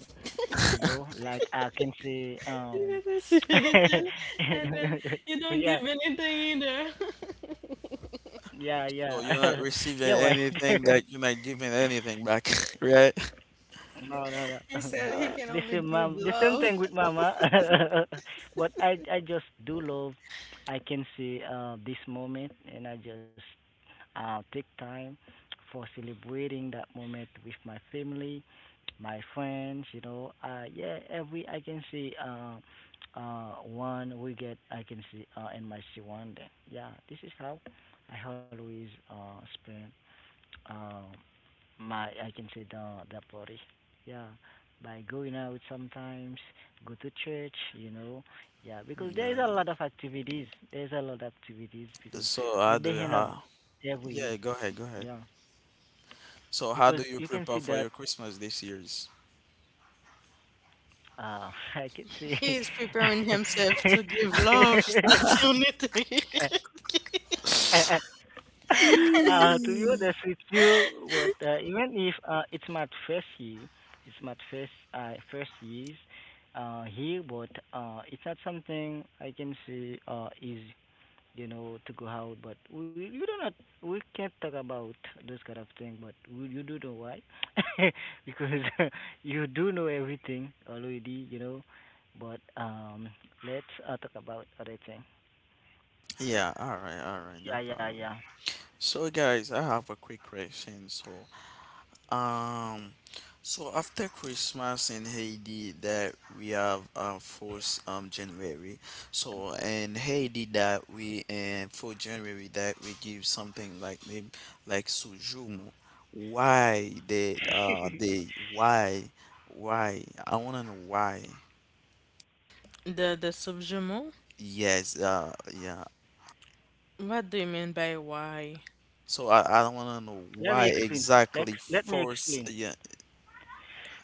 Speaker 2: You know, like
Speaker 1: You guys receive anything, and then you don't give
Speaker 2: yeah,
Speaker 1: anything either.
Speaker 2: yeah, yeah.
Speaker 3: So you're not
Speaker 2: You're
Speaker 3: receiving
Speaker 2: right.
Speaker 3: anything that you're not giving anything back, right?
Speaker 2: No, no, no.
Speaker 1: He said he
Speaker 3: Uh,
Speaker 1: can
Speaker 2: The
Speaker 1: only
Speaker 2: same,
Speaker 1: give
Speaker 2: mom. The same
Speaker 1: love.
Speaker 2: thing with mama. But I just do love. I can see this moment, and I just take time for celebrating that moment with my family, my friends. You know, yeah. Every I can see one we get. I can see in my see one day. Yeah, this is how I always spend. Um, My, I can say the Pori. Yeah, by going out sometimes, go to church, you know. Yeah, because there is
Speaker 3: yeah.
Speaker 2: a lot of activities. There's a lot of activities
Speaker 3: Yeah.
Speaker 2: because
Speaker 3: So I do.
Speaker 2: on the end of every
Speaker 3: Yeah. Go ahead. Go ahead.
Speaker 2: yeah,
Speaker 3: So how do
Speaker 2: because
Speaker 3: you
Speaker 2: you can
Speaker 3: prepare
Speaker 2: see
Speaker 3: for your
Speaker 2: that.
Speaker 3: Christmas this year's?
Speaker 2: I can see.
Speaker 1: He is preparing himself to give love. That's the only thing.
Speaker 2: To be
Speaker 3: Mm.
Speaker 2: honest with you, what even if it's my first year, it's my first years here, but it's not something I can say easy, you know, to go out. But we you do not we can't talk about those kind of thing. But we, you do know why, because you do know everything already, you know. But let's talk about other thing.
Speaker 3: Yeah, all right, no
Speaker 2: Yeah, yeah,
Speaker 3: problem.
Speaker 2: yeah.
Speaker 3: So guys, I have a quick question. Um, so, after Christmas in Haiti, that we have first January. So in Haiti, that we and for January that we give something like name, like sujumu. Why they why, I wanna know why.
Speaker 1: The subjument.
Speaker 3: Yes, yeah.
Speaker 1: What do you mean by why?
Speaker 3: So I don't want to know
Speaker 2: Let me
Speaker 3: why
Speaker 2: explain.
Speaker 3: exactly
Speaker 2: Let me
Speaker 3: force.
Speaker 2: explain.
Speaker 3: Yeah,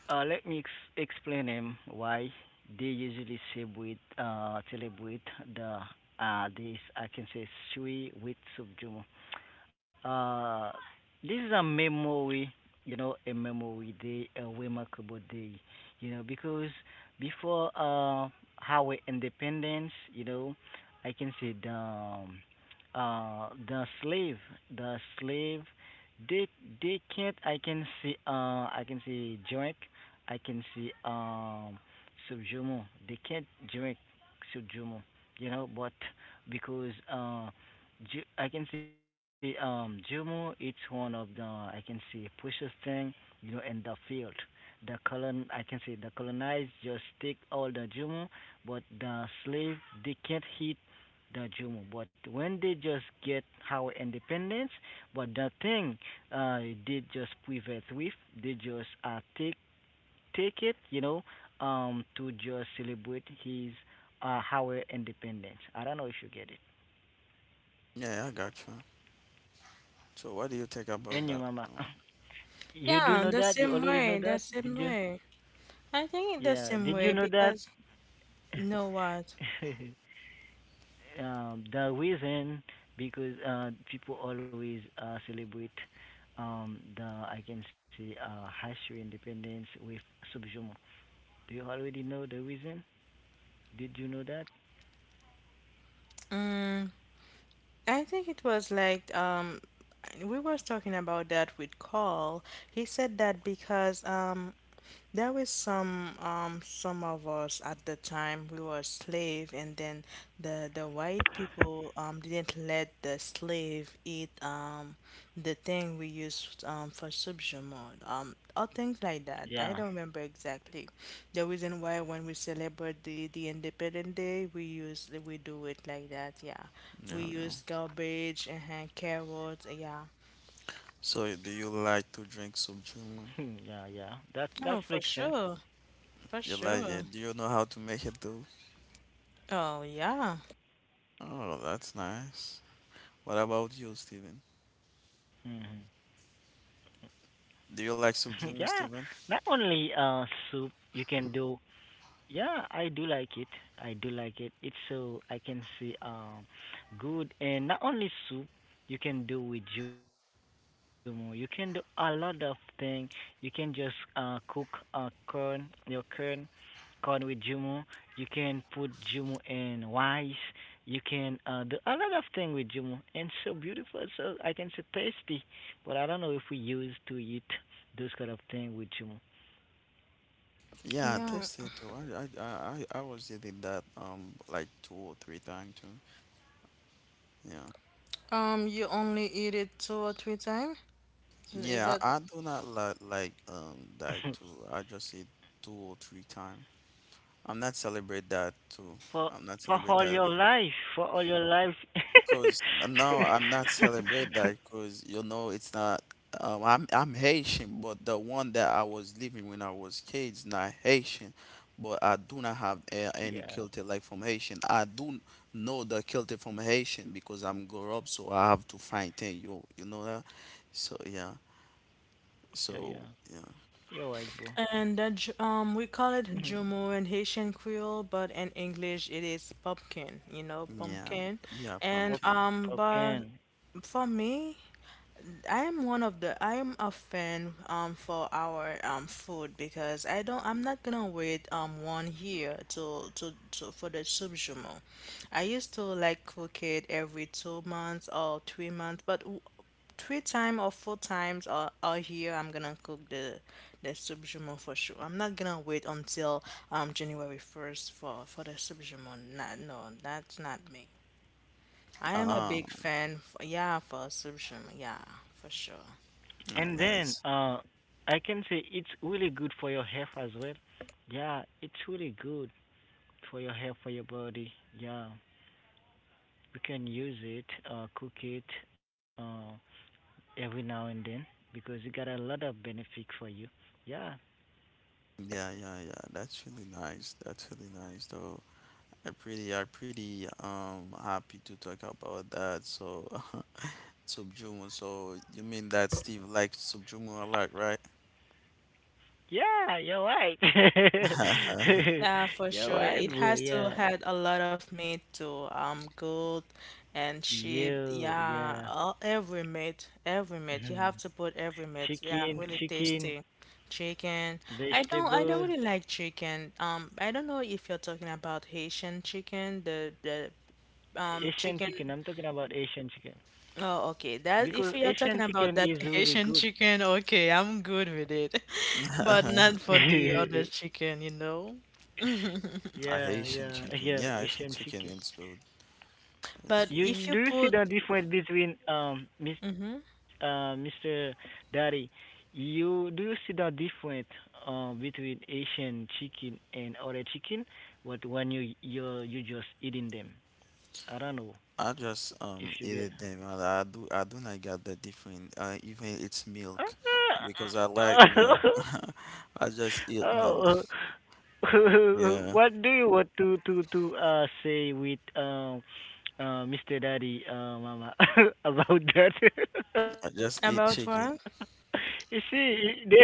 Speaker 2: Explain him why they usually celebrate the this I can say Sui with Subjumo. Uh, this is a memory, you know, a memory day, a remarkable day, you know, because before our independence, you know, I can say uh, the slave, the slave, they can't I can say drink I can see Subjumo. They can't drink Subjumo, you know, but because Ju- I can see Jumo it's one of the I can see precious thing, you know, in the field. The colon I can see the colonized just take all the Jumo, but the slave they can't hit the Jumo. But when they just get our independence, but the thing uh, they just prevent with, they just take take it, you know, to just celebrate his our independence. I don't know if you get it.
Speaker 3: yeah, I got you. So what do you think
Speaker 2: And
Speaker 3: about
Speaker 2: your
Speaker 3: that?
Speaker 2: mama, you do know
Speaker 1: Yeah, the
Speaker 2: that? You
Speaker 1: same
Speaker 2: already know
Speaker 1: way,
Speaker 2: that?
Speaker 1: the
Speaker 2: Did
Speaker 1: same
Speaker 2: you?
Speaker 1: way. I think the
Speaker 2: Yeah.
Speaker 1: same
Speaker 2: Did you
Speaker 1: way
Speaker 2: know that?
Speaker 1: because you know what?
Speaker 2: Um, the reason because people always celebrate the I can say history independence with Subjumo. Do you already know the reason? Did you know that?
Speaker 1: Mm, I think it was like we was talking about that with Carl. He said that because there was some of us at the time we were slave, and then the white people didn't let the slave eat the thing we used for subjument, or things like that. I don't
Speaker 2: Yeah.
Speaker 1: remember exactly. The reason why when we celebrate the Independent Day, we do it like that, yeah.
Speaker 3: Yeah,
Speaker 1: We use
Speaker 3: yeah.
Speaker 1: garbage and hand carrots, yeah.
Speaker 3: So do you like to drink soup,
Speaker 2: Yeah, yeah.
Speaker 3: Julian?
Speaker 2: That that makes sense.
Speaker 1: Oh, for sure. For
Speaker 3: You like
Speaker 1: sure.
Speaker 3: it? Do you know how to make it though?
Speaker 1: Oh, yeah.
Speaker 3: Oh, that's nice. What about you, Steven?
Speaker 2: Hmm.
Speaker 3: Do you like
Speaker 2: Yeah,
Speaker 3: soup, Julian,
Speaker 2: not
Speaker 3: Steven?
Speaker 2: only uh soup you can do. Yeah, I do like it. I do like it. It's so I can see good, and not only soup you can do with Jumo. You can do a lot of thing. You can just cook your corn. Popcorn with Jumu. You can put Jumu in rice. You can do a lot of things with Jumu. And so beautiful. So I can say tasty. But I don't know if we used to eat those kind of thing with Jumu.
Speaker 3: Yeah, I
Speaker 1: Yeah.
Speaker 3: tasted it too. I was eating that like two or three times too. Yeah.
Speaker 1: You only eat it two or three times? Is
Speaker 3: Yeah,
Speaker 1: that?
Speaker 3: I do not like like um like to I just eat two or three times. I'm not celebrate that too.
Speaker 2: for
Speaker 3: I'm not
Speaker 2: for
Speaker 3: celebrate
Speaker 2: all
Speaker 3: that
Speaker 2: your life. For all your life.
Speaker 3: because now I'm not celebrate that because you know it's not. I'm Haitian, but the one that I was living when I was kid is not Haitian. But I do not have any culture
Speaker 2: Yeah.
Speaker 3: like from Haitian. I do know the culture from Haitian because I'm grow up, so I have to find thing. You know that. So yeah.
Speaker 2: Yeah, yeah.
Speaker 3: So yeah.
Speaker 2: You're right, bro.
Speaker 1: And we call it
Speaker 2: Hmm.
Speaker 1: jumu in Haitian Creole, but in English it is pumpkin. You know,
Speaker 3: Yeah,
Speaker 1: pumpkin.
Speaker 3: yeah,
Speaker 1: And
Speaker 3: pumpkin.
Speaker 2: Pop,
Speaker 1: but
Speaker 2: pop can.
Speaker 1: for me, I am one of the I am a fan for our food, because I'm not gonna wait one year to, for the subjumo. I used to like cook it every 2 months or 3 months, but three times or four times or a year I'm gonna cook the subjumo for sure. I'm not gonna wait until January first for the subjumo. Not, no, that's not me. I am a
Speaker 3: Um,
Speaker 1: big fan. For, yeah, for subjumo. Yeah, for sure.
Speaker 3: no,
Speaker 2: And
Speaker 3: that's
Speaker 2: then I can say it's really good for your health as well. Yeah, it's really good for your health, for your body. Yeah, you can use it, cook it uh, every now and then because you got a lot of benefit for you. Yeah,
Speaker 3: yeah, yeah, yeah. That's really nice. That's really nice, though. I pretty happy to talk about that. So, Subjumo. So you mean that Steve likes Subjumo a lot, right?
Speaker 2: yeah, you're right.
Speaker 1: Yeah, for
Speaker 2: You're
Speaker 1: sure.
Speaker 2: right,
Speaker 1: It
Speaker 2: bro.
Speaker 1: has to
Speaker 2: Yeah,
Speaker 1: had a lot of meat too. Goat and sheep.
Speaker 2: yeah.
Speaker 1: Yeah, all, every meat,
Speaker 2: Mhm.
Speaker 1: every meat. You have to put every meat. Yeah,
Speaker 2: Chicken,
Speaker 1: really tasty. Chicken. I don't.
Speaker 2: vegetable,
Speaker 1: I don't really like chicken. I don't know if you're talking about Haitian chicken, the
Speaker 2: Asian
Speaker 1: chicken.
Speaker 2: chicken. I'm talking about Asian chicken.
Speaker 1: Oh, okay. That
Speaker 2: Because
Speaker 1: if you're
Speaker 2: Asian
Speaker 1: talking
Speaker 2: chicken
Speaker 1: about
Speaker 2: is
Speaker 1: that
Speaker 2: really good.
Speaker 1: Haitian chicken, okay, I'm good with it. But not for the
Speaker 2: yeah,
Speaker 1: other chicken, you know.
Speaker 3: I
Speaker 2: yeah,
Speaker 3: Haitian
Speaker 2: yeah,
Speaker 3: chicken. Yeah, Haitian
Speaker 2: Asian
Speaker 3: chicken
Speaker 2: chicken.
Speaker 3: is good. It's
Speaker 1: But
Speaker 2: You,
Speaker 3: good.
Speaker 1: if
Speaker 2: you
Speaker 1: you
Speaker 2: do you see
Speaker 1: put
Speaker 2: the difference between Miss
Speaker 1: Mm-hmm.
Speaker 2: Mr. Daddy? You do you see the difference between Asian chicken and other chicken? But when you just eating them, I don't know
Speaker 3: I just
Speaker 2: if you
Speaker 3: eat
Speaker 2: get.
Speaker 3: it them, and I do not get the different, even it's milk, because I like milk. I just eat milk.
Speaker 2: oh,
Speaker 3: Yeah,
Speaker 2: What do you want to say with Mr. Daddy Mama about that?
Speaker 3: I just eat
Speaker 2: You
Speaker 1: About what?
Speaker 3: chicken.
Speaker 2: see, there is no difference.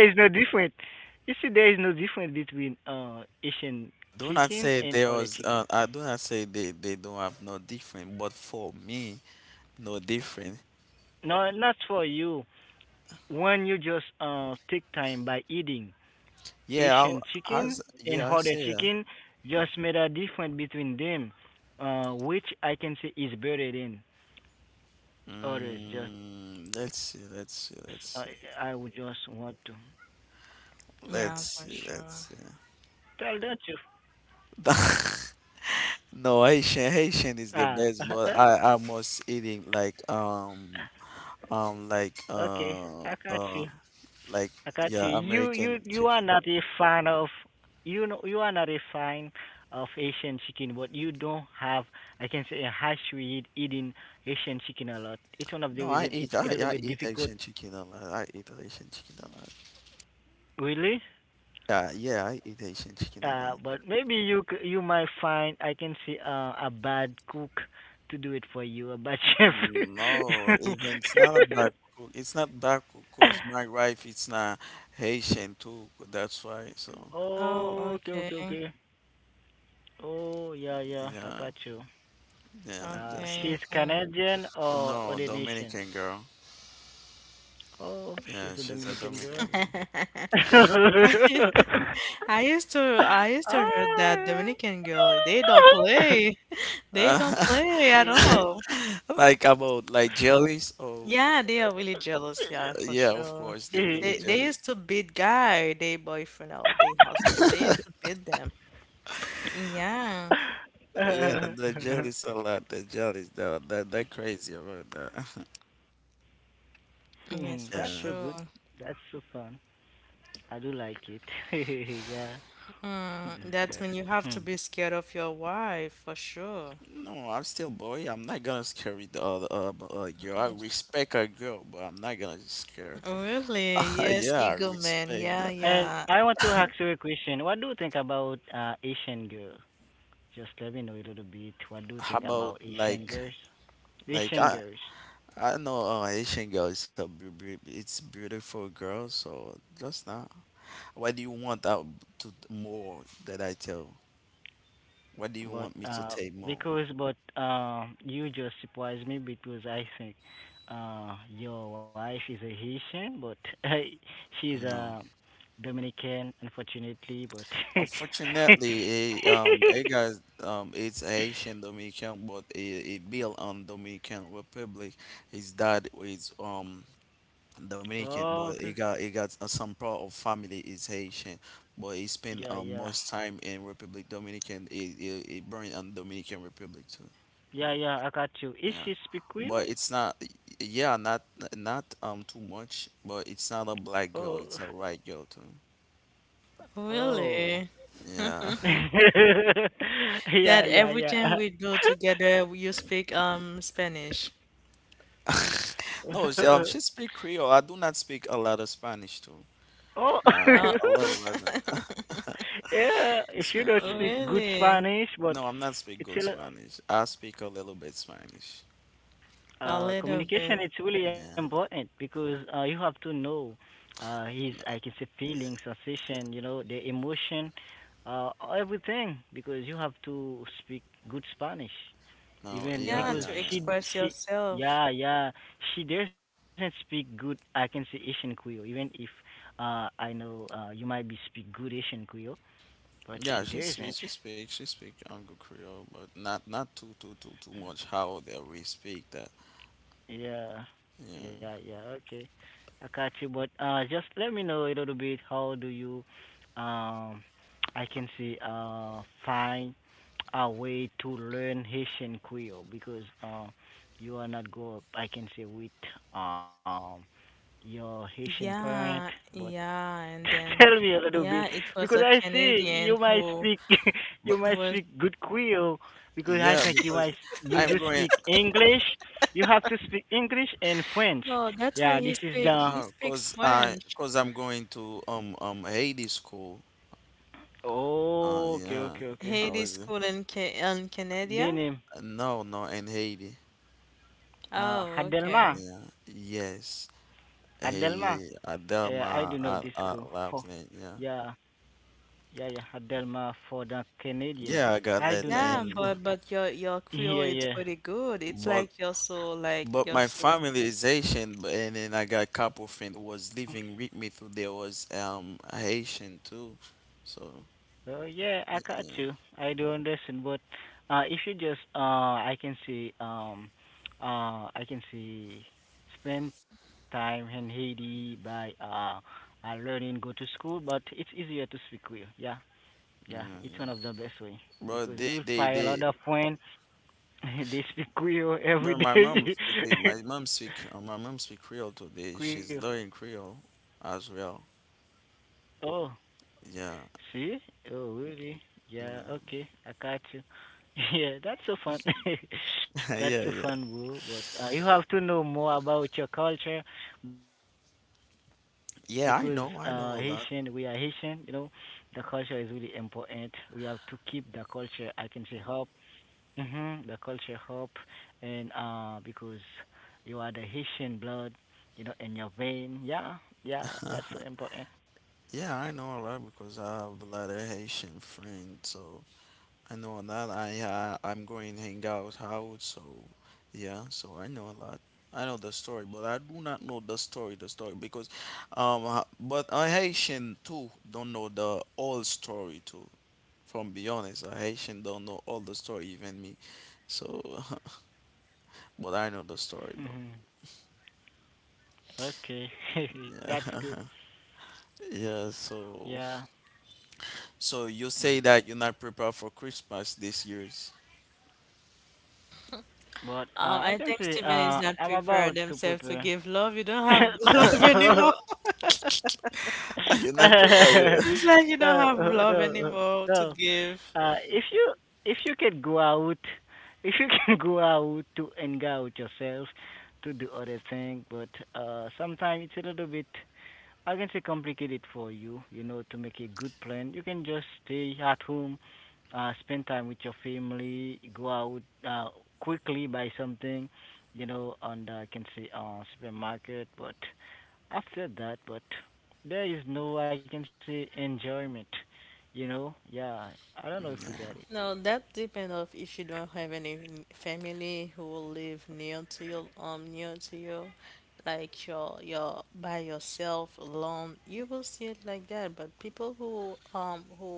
Speaker 2: You see, there is no difference between Asian chicken and
Speaker 3: Do
Speaker 2: other
Speaker 3: not
Speaker 2: chicken.
Speaker 3: say there was I do not say they don't have no different, but for me, no different.
Speaker 2: No, not for you. When you just take time by eating
Speaker 3: Yeah,
Speaker 2: Asian chicken and
Speaker 3: yeah, I
Speaker 2: other
Speaker 3: say that.
Speaker 2: chicken, just made a difference between them, which I can say is better than. Others just,
Speaker 3: Mm,
Speaker 2: I
Speaker 3: let's
Speaker 2: would
Speaker 3: see,
Speaker 2: just
Speaker 3: let's see,
Speaker 2: want to
Speaker 3: let's see, let's
Speaker 1: Yeah, for
Speaker 3: see,
Speaker 2: tell, don't
Speaker 1: sure.
Speaker 3: let's
Speaker 2: you?
Speaker 3: see. No, Haitian
Speaker 2: Ah,
Speaker 3: Haitian is the best, but I must eat it um like
Speaker 2: okay, I got
Speaker 3: uh
Speaker 2: you.
Speaker 3: uh
Speaker 2: I got
Speaker 3: like
Speaker 2: you.
Speaker 3: yeah
Speaker 2: You
Speaker 3: American
Speaker 2: are not a
Speaker 3: chicken.
Speaker 2: fan of, you know, you are not a fan of Asian chicken, but you don't have, I can say, a hash to eat eating Asian chicken a lot. It's one of the
Speaker 3: No,
Speaker 2: reason
Speaker 3: I
Speaker 2: it's a
Speaker 3: eat
Speaker 2: little
Speaker 3: I,
Speaker 2: bit
Speaker 3: I eat
Speaker 2: difficult,
Speaker 3: Haitian chicken a lot. I eat Haitian chicken a lot.
Speaker 2: really.
Speaker 3: Yeah, yeah, I eat Haitian chicken a lot.
Speaker 2: But maybe you you might find I can see a bad cook to do it for you, a bad chef.
Speaker 3: Mm, no, even it's not a bad cook. It's not bad cook 'cause my wife it's not Haitian too. That's why. So
Speaker 1: Oh,
Speaker 2: Oh,
Speaker 1: okay.
Speaker 2: okay. Oh, yeah, I
Speaker 3: yeah,
Speaker 2: got you.
Speaker 3: yeah, that's not.
Speaker 1: Okay,
Speaker 2: She's
Speaker 1: okay.
Speaker 2: Canadian or
Speaker 3: No,
Speaker 2: other nation?
Speaker 3: Dominican girl.
Speaker 2: Oh, she's a
Speaker 3: Yeah, she's a
Speaker 2: Dominican girl.
Speaker 3: Dominican girl.
Speaker 1: I used to I used to hear that
Speaker 2: Ah,
Speaker 1: Dominican girl, they don't play. They don't
Speaker 3: Uh,
Speaker 1: play at
Speaker 2: yeah.
Speaker 1: all.
Speaker 3: like about like jellies? Oh,
Speaker 1: Yeah, they are really jealous, yeah, for
Speaker 3: yeah, of
Speaker 1: sure.
Speaker 3: course they really
Speaker 1: They
Speaker 2: Yeah.
Speaker 1: they
Speaker 3: jealous.
Speaker 1: used to beat guy, they boyfriend or they husband. They used to beat them. Yeah,
Speaker 3: Yeah, the jealous a lot. The jealous they're crazy about that.
Speaker 2: Hmm,
Speaker 1: yes,
Speaker 2: that's
Speaker 1: for
Speaker 3: Yeah.
Speaker 2: so good.
Speaker 1: sure.
Speaker 2: That's so fun. I do like it. Yeah.
Speaker 1: Hmm, that's when you have to
Speaker 2: Hmm.
Speaker 1: be scared of your wife, for sure.
Speaker 3: No, I'm still boy. I'm not gonna scare the other girl. I respect a girl, but I'm not gonna scare.
Speaker 1: Really? Yes,
Speaker 3: Yeah, I
Speaker 1: Eagle Man.
Speaker 3: respect
Speaker 1: Yeah,
Speaker 3: that.
Speaker 2: And
Speaker 1: yeah.
Speaker 2: I want to ask you a question. What do you think about Asian girls? Just let me know a little bit what do you
Speaker 3: How
Speaker 2: think
Speaker 3: about
Speaker 2: about Asian girls?
Speaker 3: like
Speaker 2: Asian
Speaker 3: I
Speaker 2: girls.
Speaker 3: I know, Asian girl is a it's beautiful girl, so just not. What do you want out to more that I tell? What do you
Speaker 2: But
Speaker 3: want me to
Speaker 2: uh
Speaker 3: take more?
Speaker 2: but you just surprised me because I think your wife is a Haitian but she's
Speaker 3: You
Speaker 2: a
Speaker 3: know,
Speaker 2: Dominican unfortunately but
Speaker 3: unfortunately, it guys, it's Haitian Dominican, but it built on Dominican Republic. His dad is Dominican, but
Speaker 2: oh, okay.
Speaker 3: he got, some part of family is Haitian, but he spent,
Speaker 2: yeah yeah.
Speaker 3: most time in Republic Dominican. He born on Dominican Republic too.
Speaker 2: Yeah yeah, I got you. Is
Speaker 3: Yeah,
Speaker 2: she speak
Speaker 3: but
Speaker 2: Creole?
Speaker 3: it's not. Yeah, not too much, but it's not a black girl.
Speaker 2: Oh,
Speaker 3: It's a white girl too.
Speaker 2: oh,
Speaker 1: Really?
Speaker 3: Yeah.
Speaker 2: yeah
Speaker 1: That every
Speaker 2: yeah
Speaker 1: time we do together, you speak Spanish.
Speaker 2: yeah
Speaker 3: No, she speak Creole. I do not speak a lot of Spanish too.
Speaker 2: Oh,
Speaker 1: Oh.
Speaker 3: A little bit.
Speaker 2: yeah.
Speaker 3: She
Speaker 2: If you
Speaker 3: speak
Speaker 2: don't
Speaker 3: Creole.
Speaker 2: speak good
Speaker 1: Really?
Speaker 2: Spanish, but
Speaker 3: No, I'm not speak
Speaker 2: it's
Speaker 3: good
Speaker 2: a lo-
Speaker 3: Spanish. I speak a little bit Spanish.
Speaker 1: A little
Speaker 2: communication.
Speaker 1: bit.
Speaker 2: It's really
Speaker 3: Yeah.
Speaker 2: important because you have to know his, I can say, feeling, sensation. You know, the emotion, uh, everything. Because you have to speak good Spanish.
Speaker 3: No.
Speaker 2: Even
Speaker 3: Yeah.
Speaker 1: Yeah,
Speaker 2: because
Speaker 3: Yeah.
Speaker 1: to
Speaker 3: Yeah.
Speaker 1: express
Speaker 2: she,
Speaker 1: yourself.
Speaker 2: yeah, she doesn't speak good. I can say Asian Creole. Even if I know you might be speak good Asian Creole, but
Speaker 3: Yeah.
Speaker 2: she
Speaker 3: She speak. She
Speaker 2: doesn't.
Speaker 3: speak. She speak, good Creole, but not too much how they we speak that.
Speaker 2: Yeah,
Speaker 3: Yeah.
Speaker 2: yeah. Okay, I got you. But just let me know a little bit. How do you, um, I can say, find a way to learn Haitian Creole because you are not grow up. I can say with um your Haitian parent,
Speaker 1: Yeah,
Speaker 2: but
Speaker 1: yeah, and then
Speaker 2: tell me a little bit
Speaker 1: yeah, it
Speaker 2: because
Speaker 1: was a
Speaker 2: I see
Speaker 1: Canadian
Speaker 2: you might
Speaker 1: who
Speaker 2: speak you
Speaker 3: But
Speaker 1: who
Speaker 2: might
Speaker 1: was,
Speaker 2: speak good Creole because I
Speaker 3: yeah,
Speaker 2: think you might
Speaker 3: because
Speaker 2: you do
Speaker 3: I'm going
Speaker 2: speak English. You have to speak English and French.
Speaker 1: no, that's when
Speaker 2: Yeah, this is the
Speaker 1: he
Speaker 3: no,
Speaker 1: speaks
Speaker 3: cause
Speaker 1: French.
Speaker 3: I'm going to Haiti school.
Speaker 2: oh,
Speaker 3: Yeah.
Speaker 2: okay.
Speaker 3: How
Speaker 1: Haiti
Speaker 3: is it?
Speaker 1: school in Ca in
Speaker 2: The
Speaker 1: Canada.
Speaker 2: name
Speaker 3: No, no, in Haiti.
Speaker 1: Oh,
Speaker 2: Hadelma.
Speaker 1: okay.
Speaker 3: Yeah, yes.
Speaker 2: Hadelma.
Speaker 3: Hey,
Speaker 2: I
Speaker 3: I
Speaker 2: do know this
Speaker 3: done my
Speaker 2: school.
Speaker 3: I,
Speaker 2: For
Speaker 3: I laughing.
Speaker 2: yeah,
Speaker 3: Yeah,
Speaker 2: yeah. Hadelma for the Canadian.
Speaker 3: yeah, I
Speaker 2: I
Speaker 3: got
Speaker 2: do know
Speaker 3: that,
Speaker 2: that
Speaker 1: Yeah,
Speaker 2: school.
Speaker 3: and
Speaker 1: but your Creole,
Speaker 2: Yeah,
Speaker 1: it's
Speaker 2: yeah.
Speaker 1: pretty good. It's
Speaker 3: but
Speaker 1: like
Speaker 3: but
Speaker 1: you're
Speaker 3: my
Speaker 1: so.
Speaker 3: family is Haitian, but and then I got a couple friends was living with me too. There was Haitian too, so
Speaker 2: Oh yeah, I got
Speaker 3: yeah,
Speaker 2: you. I do understand, but if you just I can see um, I can see spend time in Haiti by learning, go to school, but it's easier to speak with. Yeah, yeah,
Speaker 3: yeah,
Speaker 2: it's one
Speaker 3: yeah.
Speaker 2: of the best way
Speaker 3: But
Speaker 2: because
Speaker 3: they
Speaker 2: we will
Speaker 3: they
Speaker 2: find a
Speaker 3: they.
Speaker 2: lot of friends. they speak Creole every
Speaker 3: But my mom
Speaker 2: day.
Speaker 3: speak it- my mom speak Creole today.
Speaker 2: Creole.
Speaker 3: She's learning Creole as well.
Speaker 2: Oh.
Speaker 3: Yeah,
Speaker 2: See? Oh, really?
Speaker 3: yeah,
Speaker 2: Yeah, okay. I got you. Yeah, that's so fun. That's
Speaker 3: yeah,
Speaker 2: so
Speaker 3: yeah.
Speaker 2: fun, bro. But you have to know more about your culture because Haitian, we are
Speaker 3: Yeah,
Speaker 2: Haitian, you know,
Speaker 3: I know a
Speaker 2: the
Speaker 3: lot.
Speaker 2: culture is really important. We have to keep the culture, I can say, up. Hmm the culture up. And because you are the Haitian blood, you know, in your vein. Yeah, yeah, that's so important.
Speaker 3: Yeah, I know, a lot because I have a lot of Haitian friends. So I know a lot. I'm going to hang out out. So yeah, so I know a lot. I know the story, but I do not know the story. The story because, but a Haitian too don't know the whole story too. From be honest, a Haitian don't know all the story, even me. So, but I know the story, bro.
Speaker 2: Okay, that's good.
Speaker 3: Yeah, yeah. So,
Speaker 2: Yeah.
Speaker 3: so you
Speaker 2: Mm.
Speaker 3: say that you're not prepared for Christmas this year's.
Speaker 2: But I
Speaker 1: I
Speaker 2: can
Speaker 1: think
Speaker 2: say
Speaker 1: Stephen is not
Speaker 2: I'm about
Speaker 1: prepared
Speaker 2: to
Speaker 1: himself to
Speaker 2: prepare.
Speaker 1: give love. You don't have love anymore.
Speaker 3: you never,
Speaker 1: Seems like you don't have
Speaker 2: no,
Speaker 1: love
Speaker 2: no,
Speaker 1: anymore to
Speaker 2: no.
Speaker 1: give.
Speaker 2: Uh, if you if you can go out, if you can go out to hang out yourself, to do other thing, but sometimes it's a little bit I can say complicate it for you, you know, to make a good plan. You can just stay at home, spend time with your family, go out quickly, buy something, you know, and I can say supermarket. But after that, but there is no, I can say enjoyment, you know. Yeah, I don't know if we
Speaker 3: Yeah,
Speaker 2: got it.
Speaker 1: No, that depends of if you don't have any family who will live near to your near to you. Like you're by yourself alone, you will see it like that, but people who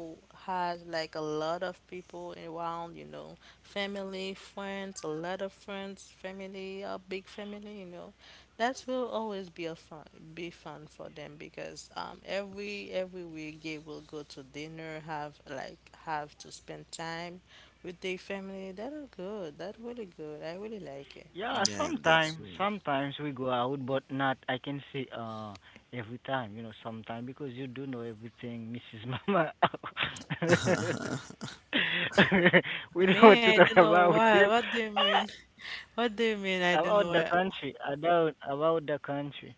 Speaker 1: has like a lot of people around, you know, family, friends, a lot of friends, family, a big family, you know, that will always be a fun be fun for them, because every week they will go to dinner, have to spend time with their family, that are good, that really good, I really like it.
Speaker 2: Yeah,
Speaker 3: yeah, that's good.
Speaker 2: sometimes we go out, but not, I can say, every time, you know, sometimes because you do know everything, Mrs. Mama. we don't want
Speaker 1: Me, I
Speaker 2: to talk
Speaker 1: don't know
Speaker 2: about
Speaker 1: what.
Speaker 2: them,
Speaker 1: What do you mean? What do you mean? I don't know
Speaker 2: about the
Speaker 1: what.
Speaker 2: country, about the country.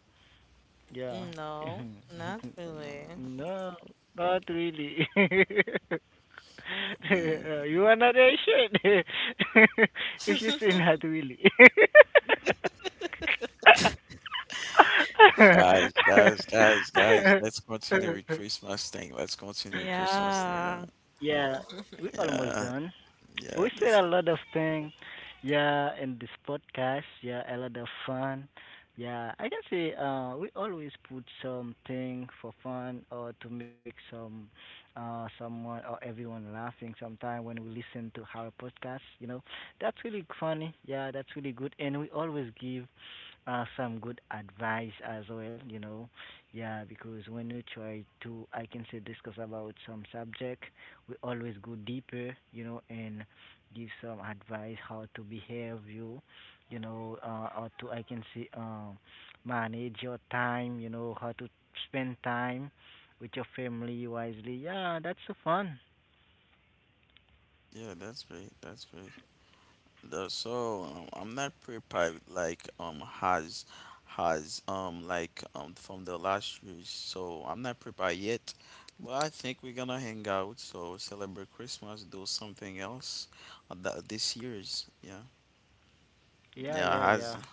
Speaker 2: Yeah.
Speaker 1: No, not really.
Speaker 2: no, not really.
Speaker 3: Yeah.
Speaker 2: You are not Asian if you say not really.
Speaker 3: Guys, guys, guys, guys. Let's continue with Christmas thing. Let's continue with Christmas thing. Yeah,
Speaker 1: Yeah.
Speaker 2: yeah, we almost
Speaker 3: yeah,
Speaker 2: done.
Speaker 3: yeah.
Speaker 2: We said a lot of things, yeah, in this podcast, yeah, a lot of fun. Yeah, I can say we always put something for fun or to make some someone or everyone laughing sometime when we listen to our podcast, you know. That's really funny, yeah, that's really good. And we always give some good advice as well, you know. Yeah, because when we try to, I can say, discuss about some subject, we always go deeper, you know, and give some advice how to behave you you know or to I can say manage your time you know how to spend time with your family wisely yeah that's so fun
Speaker 3: Yeah, that's great. That's great. The, so I'm not prepared like has like from the last year. So I'm not prepared yet. But I think we're gonna hang out. So celebrate Christmas. Do something else. This year's. Yeah, yeah.
Speaker 2: yeah
Speaker 3: Has
Speaker 2: yeah,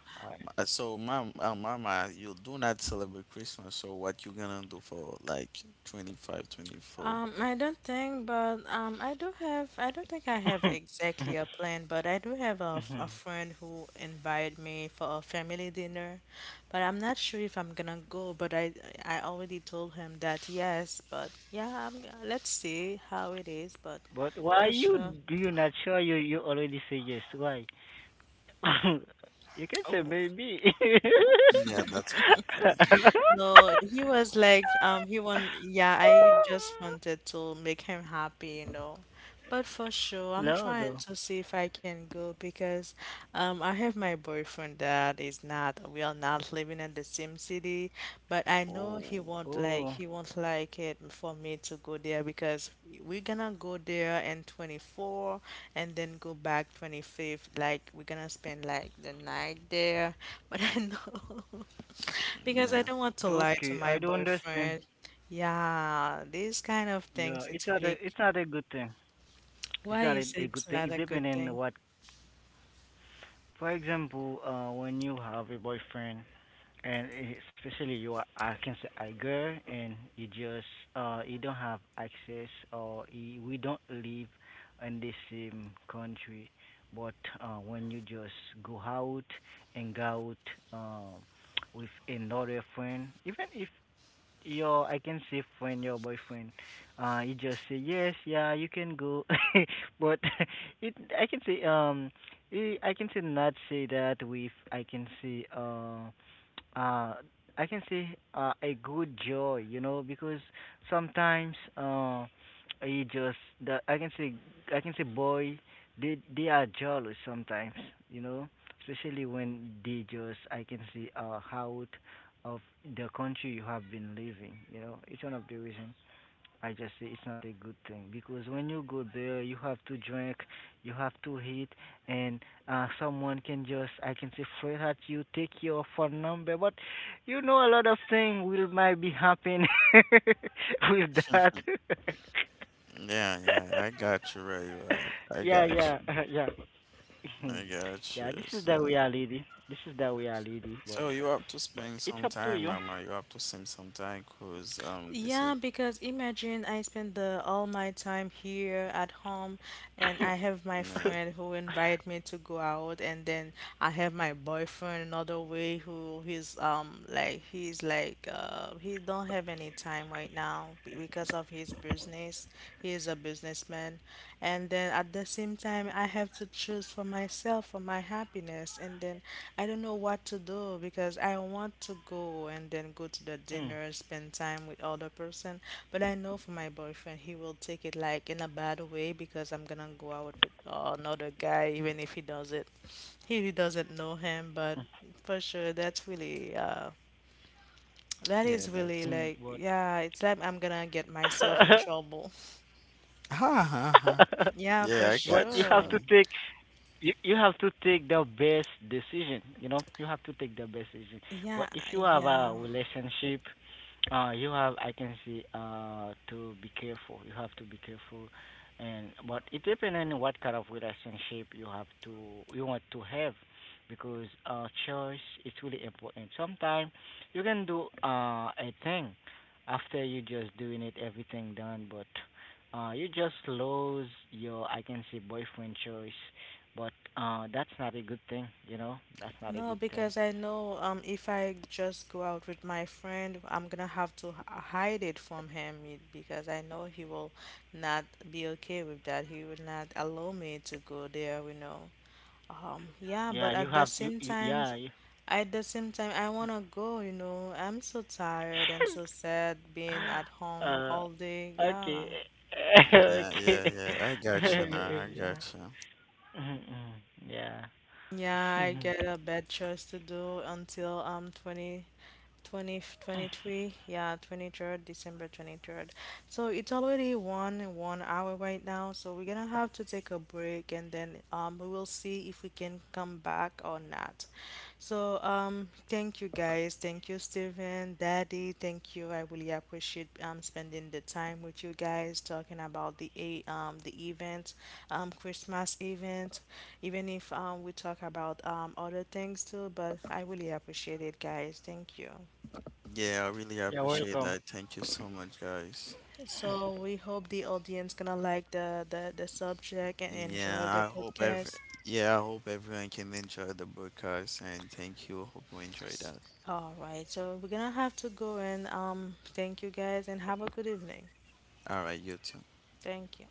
Speaker 3: So, mama, you do not celebrate Christmas. So, what you gonna do for like 25, 24?
Speaker 1: I don't think, but I do have. I don't think I have
Speaker 2: I-
Speaker 1: exactly a plan, but I do have
Speaker 2: Mhm.
Speaker 1: a friend who invited me for a family dinner, but I'm not sure if I'm gonna go. But I already told him that yes, but yeah, let's see how it is. But
Speaker 2: But why
Speaker 1: for
Speaker 2: you
Speaker 1: sure.
Speaker 2: do you not sure you you already say yes? Why? you can say maybe.
Speaker 3: Yeah, that's a good question.
Speaker 1: No, he was like, I just wanted to make him happy, you know. But for sure, I'm
Speaker 2: no,
Speaker 1: trying
Speaker 2: though.
Speaker 1: to see if I can go, because, I have my boyfriend that is not, we are not living in the same city, but I know
Speaker 3: Oh,
Speaker 2: Oh,
Speaker 1: he won't like it for me to go there, because we're gonna go there in 24 and then go back 25th. Like, we're gonna spend like the night there, but I know. Because
Speaker 3: yeah,
Speaker 1: I don't want
Speaker 2: okay.
Speaker 1: to
Speaker 2: I don't
Speaker 1: lie to my
Speaker 2: understand.
Speaker 1: boyfriend. Yeah, these kind
Speaker 2: Yeah,
Speaker 1: of things, it's
Speaker 2: it's
Speaker 1: really,
Speaker 2: not a good thing. It's not
Speaker 1: why
Speaker 2: a,
Speaker 1: is
Speaker 2: a good
Speaker 1: it
Speaker 2: thing. It
Speaker 1: not a good
Speaker 2: depending on
Speaker 1: thing?
Speaker 2: what. For example, when you have a boyfriend, and especially you are, I can say a girl, and you just you don't have access, or you, we don't live in the same country. But when you just go out and go out with another friend, even if Yo, I can see when your boyfriend, he just say yes, yeah, you can go, but it I can say I can say not say that with uh, I can say a good joy, you know, because sometimes he just the I can say boy, they are jealous sometimes, you know, especially when they just I can say out of the country you have been living. You know, it's one of the reasons I just say it's not a good thing because when you go there, you have to drink, you have to eat, and someone can just I can say flirt at you, take your phone number, but you know a lot of things will might be happen with that.
Speaker 3: yeah, yeah. I got you, right? you at. I got
Speaker 2: yeah,
Speaker 3: you.
Speaker 2: yeah, yeah.
Speaker 3: I got you.
Speaker 2: yeah, this is
Speaker 3: So,
Speaker 2: the reality. This is the reality,
Speaker 3: so
Speaker 2: but
Speaker 3: you have to
Speaker 2: but
Speaker 3: spend
Speaker 2: it's
Speaker 3: some
Speaker 2: up to
Speaker 3: time,
Speaker 2: you.
Speaker 3: mama. You have to spend some time, cause this is
Speaker 1: Yeah, because imagine I spend the all my time here at home, and I have my
Speaker 3: yeah,
Speaker 1: friend who invite me to go out, and then I have my boyfriend another way who he don't have any time right now, because of his business. He is a businessman. And then at the same time I have to choose for myself, for my happiness, and then I don't know what to do, because I want to go and then go to the
Speaker 2: Mm,
Speaker 1: dinner, spend time with other person. But I know for my boyfriend he will take it like in a bad way, because I'm gonna go out with another guy. Even if he does it, he really doesn't know him, but
Speaker 2: mm,
Speaker 1: for sure that
Speaker 3: yeah.
Speaker 1: is
Speaker 3: That's
Speaker 1: really
Speaker 2: mm,
Speaker 1: like
Speaker 2: what?
Speaker 1: yeah it's like I'm gonna get myself in trouble.
Speaker 3: ha ha ha.
Speaker 1: Yeah,
Speaker 3: Yeah, I
Speaker 1: for
Speaker 2: but
Speaker 3: got
Speaker 2: you have
Speaker 3: you.
Speaker 1: sure.
Speaker 2: to take you have to take the best decision you know you have to take the best decision but
Speaker 1: Yeah,
Speaker 2: if you have a
Speaker 1: yeah.
Speaker 2: relationship you have I can see to be careful you have to be careful and but it depends on what kind of relationship you have to you want to have because choice is really important sometimes you can do a thing after you just doing it everything done but you just lose your I can say boyfriend choice but that's not a good thing, you know. That's not a
Speaker 1: No,
Speaker 2: good
Speaker 1: because
Speaker 2: thing.
Speaker 1: I know, if I just go out with my friend, I'm gonna have to hide it from him, because I know he will not be okay with that. He will not allow me to go there, you know. Yeah, but
Speaker 2: Yeah, you
Speaker 1: at the
Speaker 2: have
Speaker 1: same
Speaker 2: you
Speaker 1: time,
Speaker 2: yeah. You,
Speaker 1: at the same time, I wanna go, you know. I'm so tired and so sad being at home
Speaker 2: uh,
Speaker 1: all day. Yeah.
Speaker 2: okay,
Speaker 3: Yeah,
Speaker 2: okay.
Speaker 3: yeah, yeah. I got you now. I
Speaker 2: yeah.
Speaker 3: got you.
Speaker 2: Mm-mm. Yeah.
Speaker 1: Yeah, I get a bad choice to do until I'm 20. 2023, yeah, 23rd, December 23rd. So it's already one hour right now, so we're gonna have to take a break, and then we will see if we can come back or not. So thank you guys, thank you Steven, Daddy, thank you. I really appreciate spending the time with you guys talking about the event, Christmas event, even if we talk about other things too, but I really appreciate it, guys. Thank you.
Speaker 3: Yeah, I really
Speaker 2: You're
Speaker 3: appreciate that.
Speaker 2: welcome.
Speaker 3: Thank you so much, guys.
Speaker 1: So we hope the audience gonna like the subject and
Speaker 3: Yeah,
Speaker 1: enjoy the podcast.
Speaker 3: I hope everyone can enjoy the broadcast, and thank you. Hope you enjoy that.
Speaker 1: All right, so we're gonna have to go, and thank you guys and have a good evening.
Speaker 3: All right, you too.
Speaker 1: Thank you.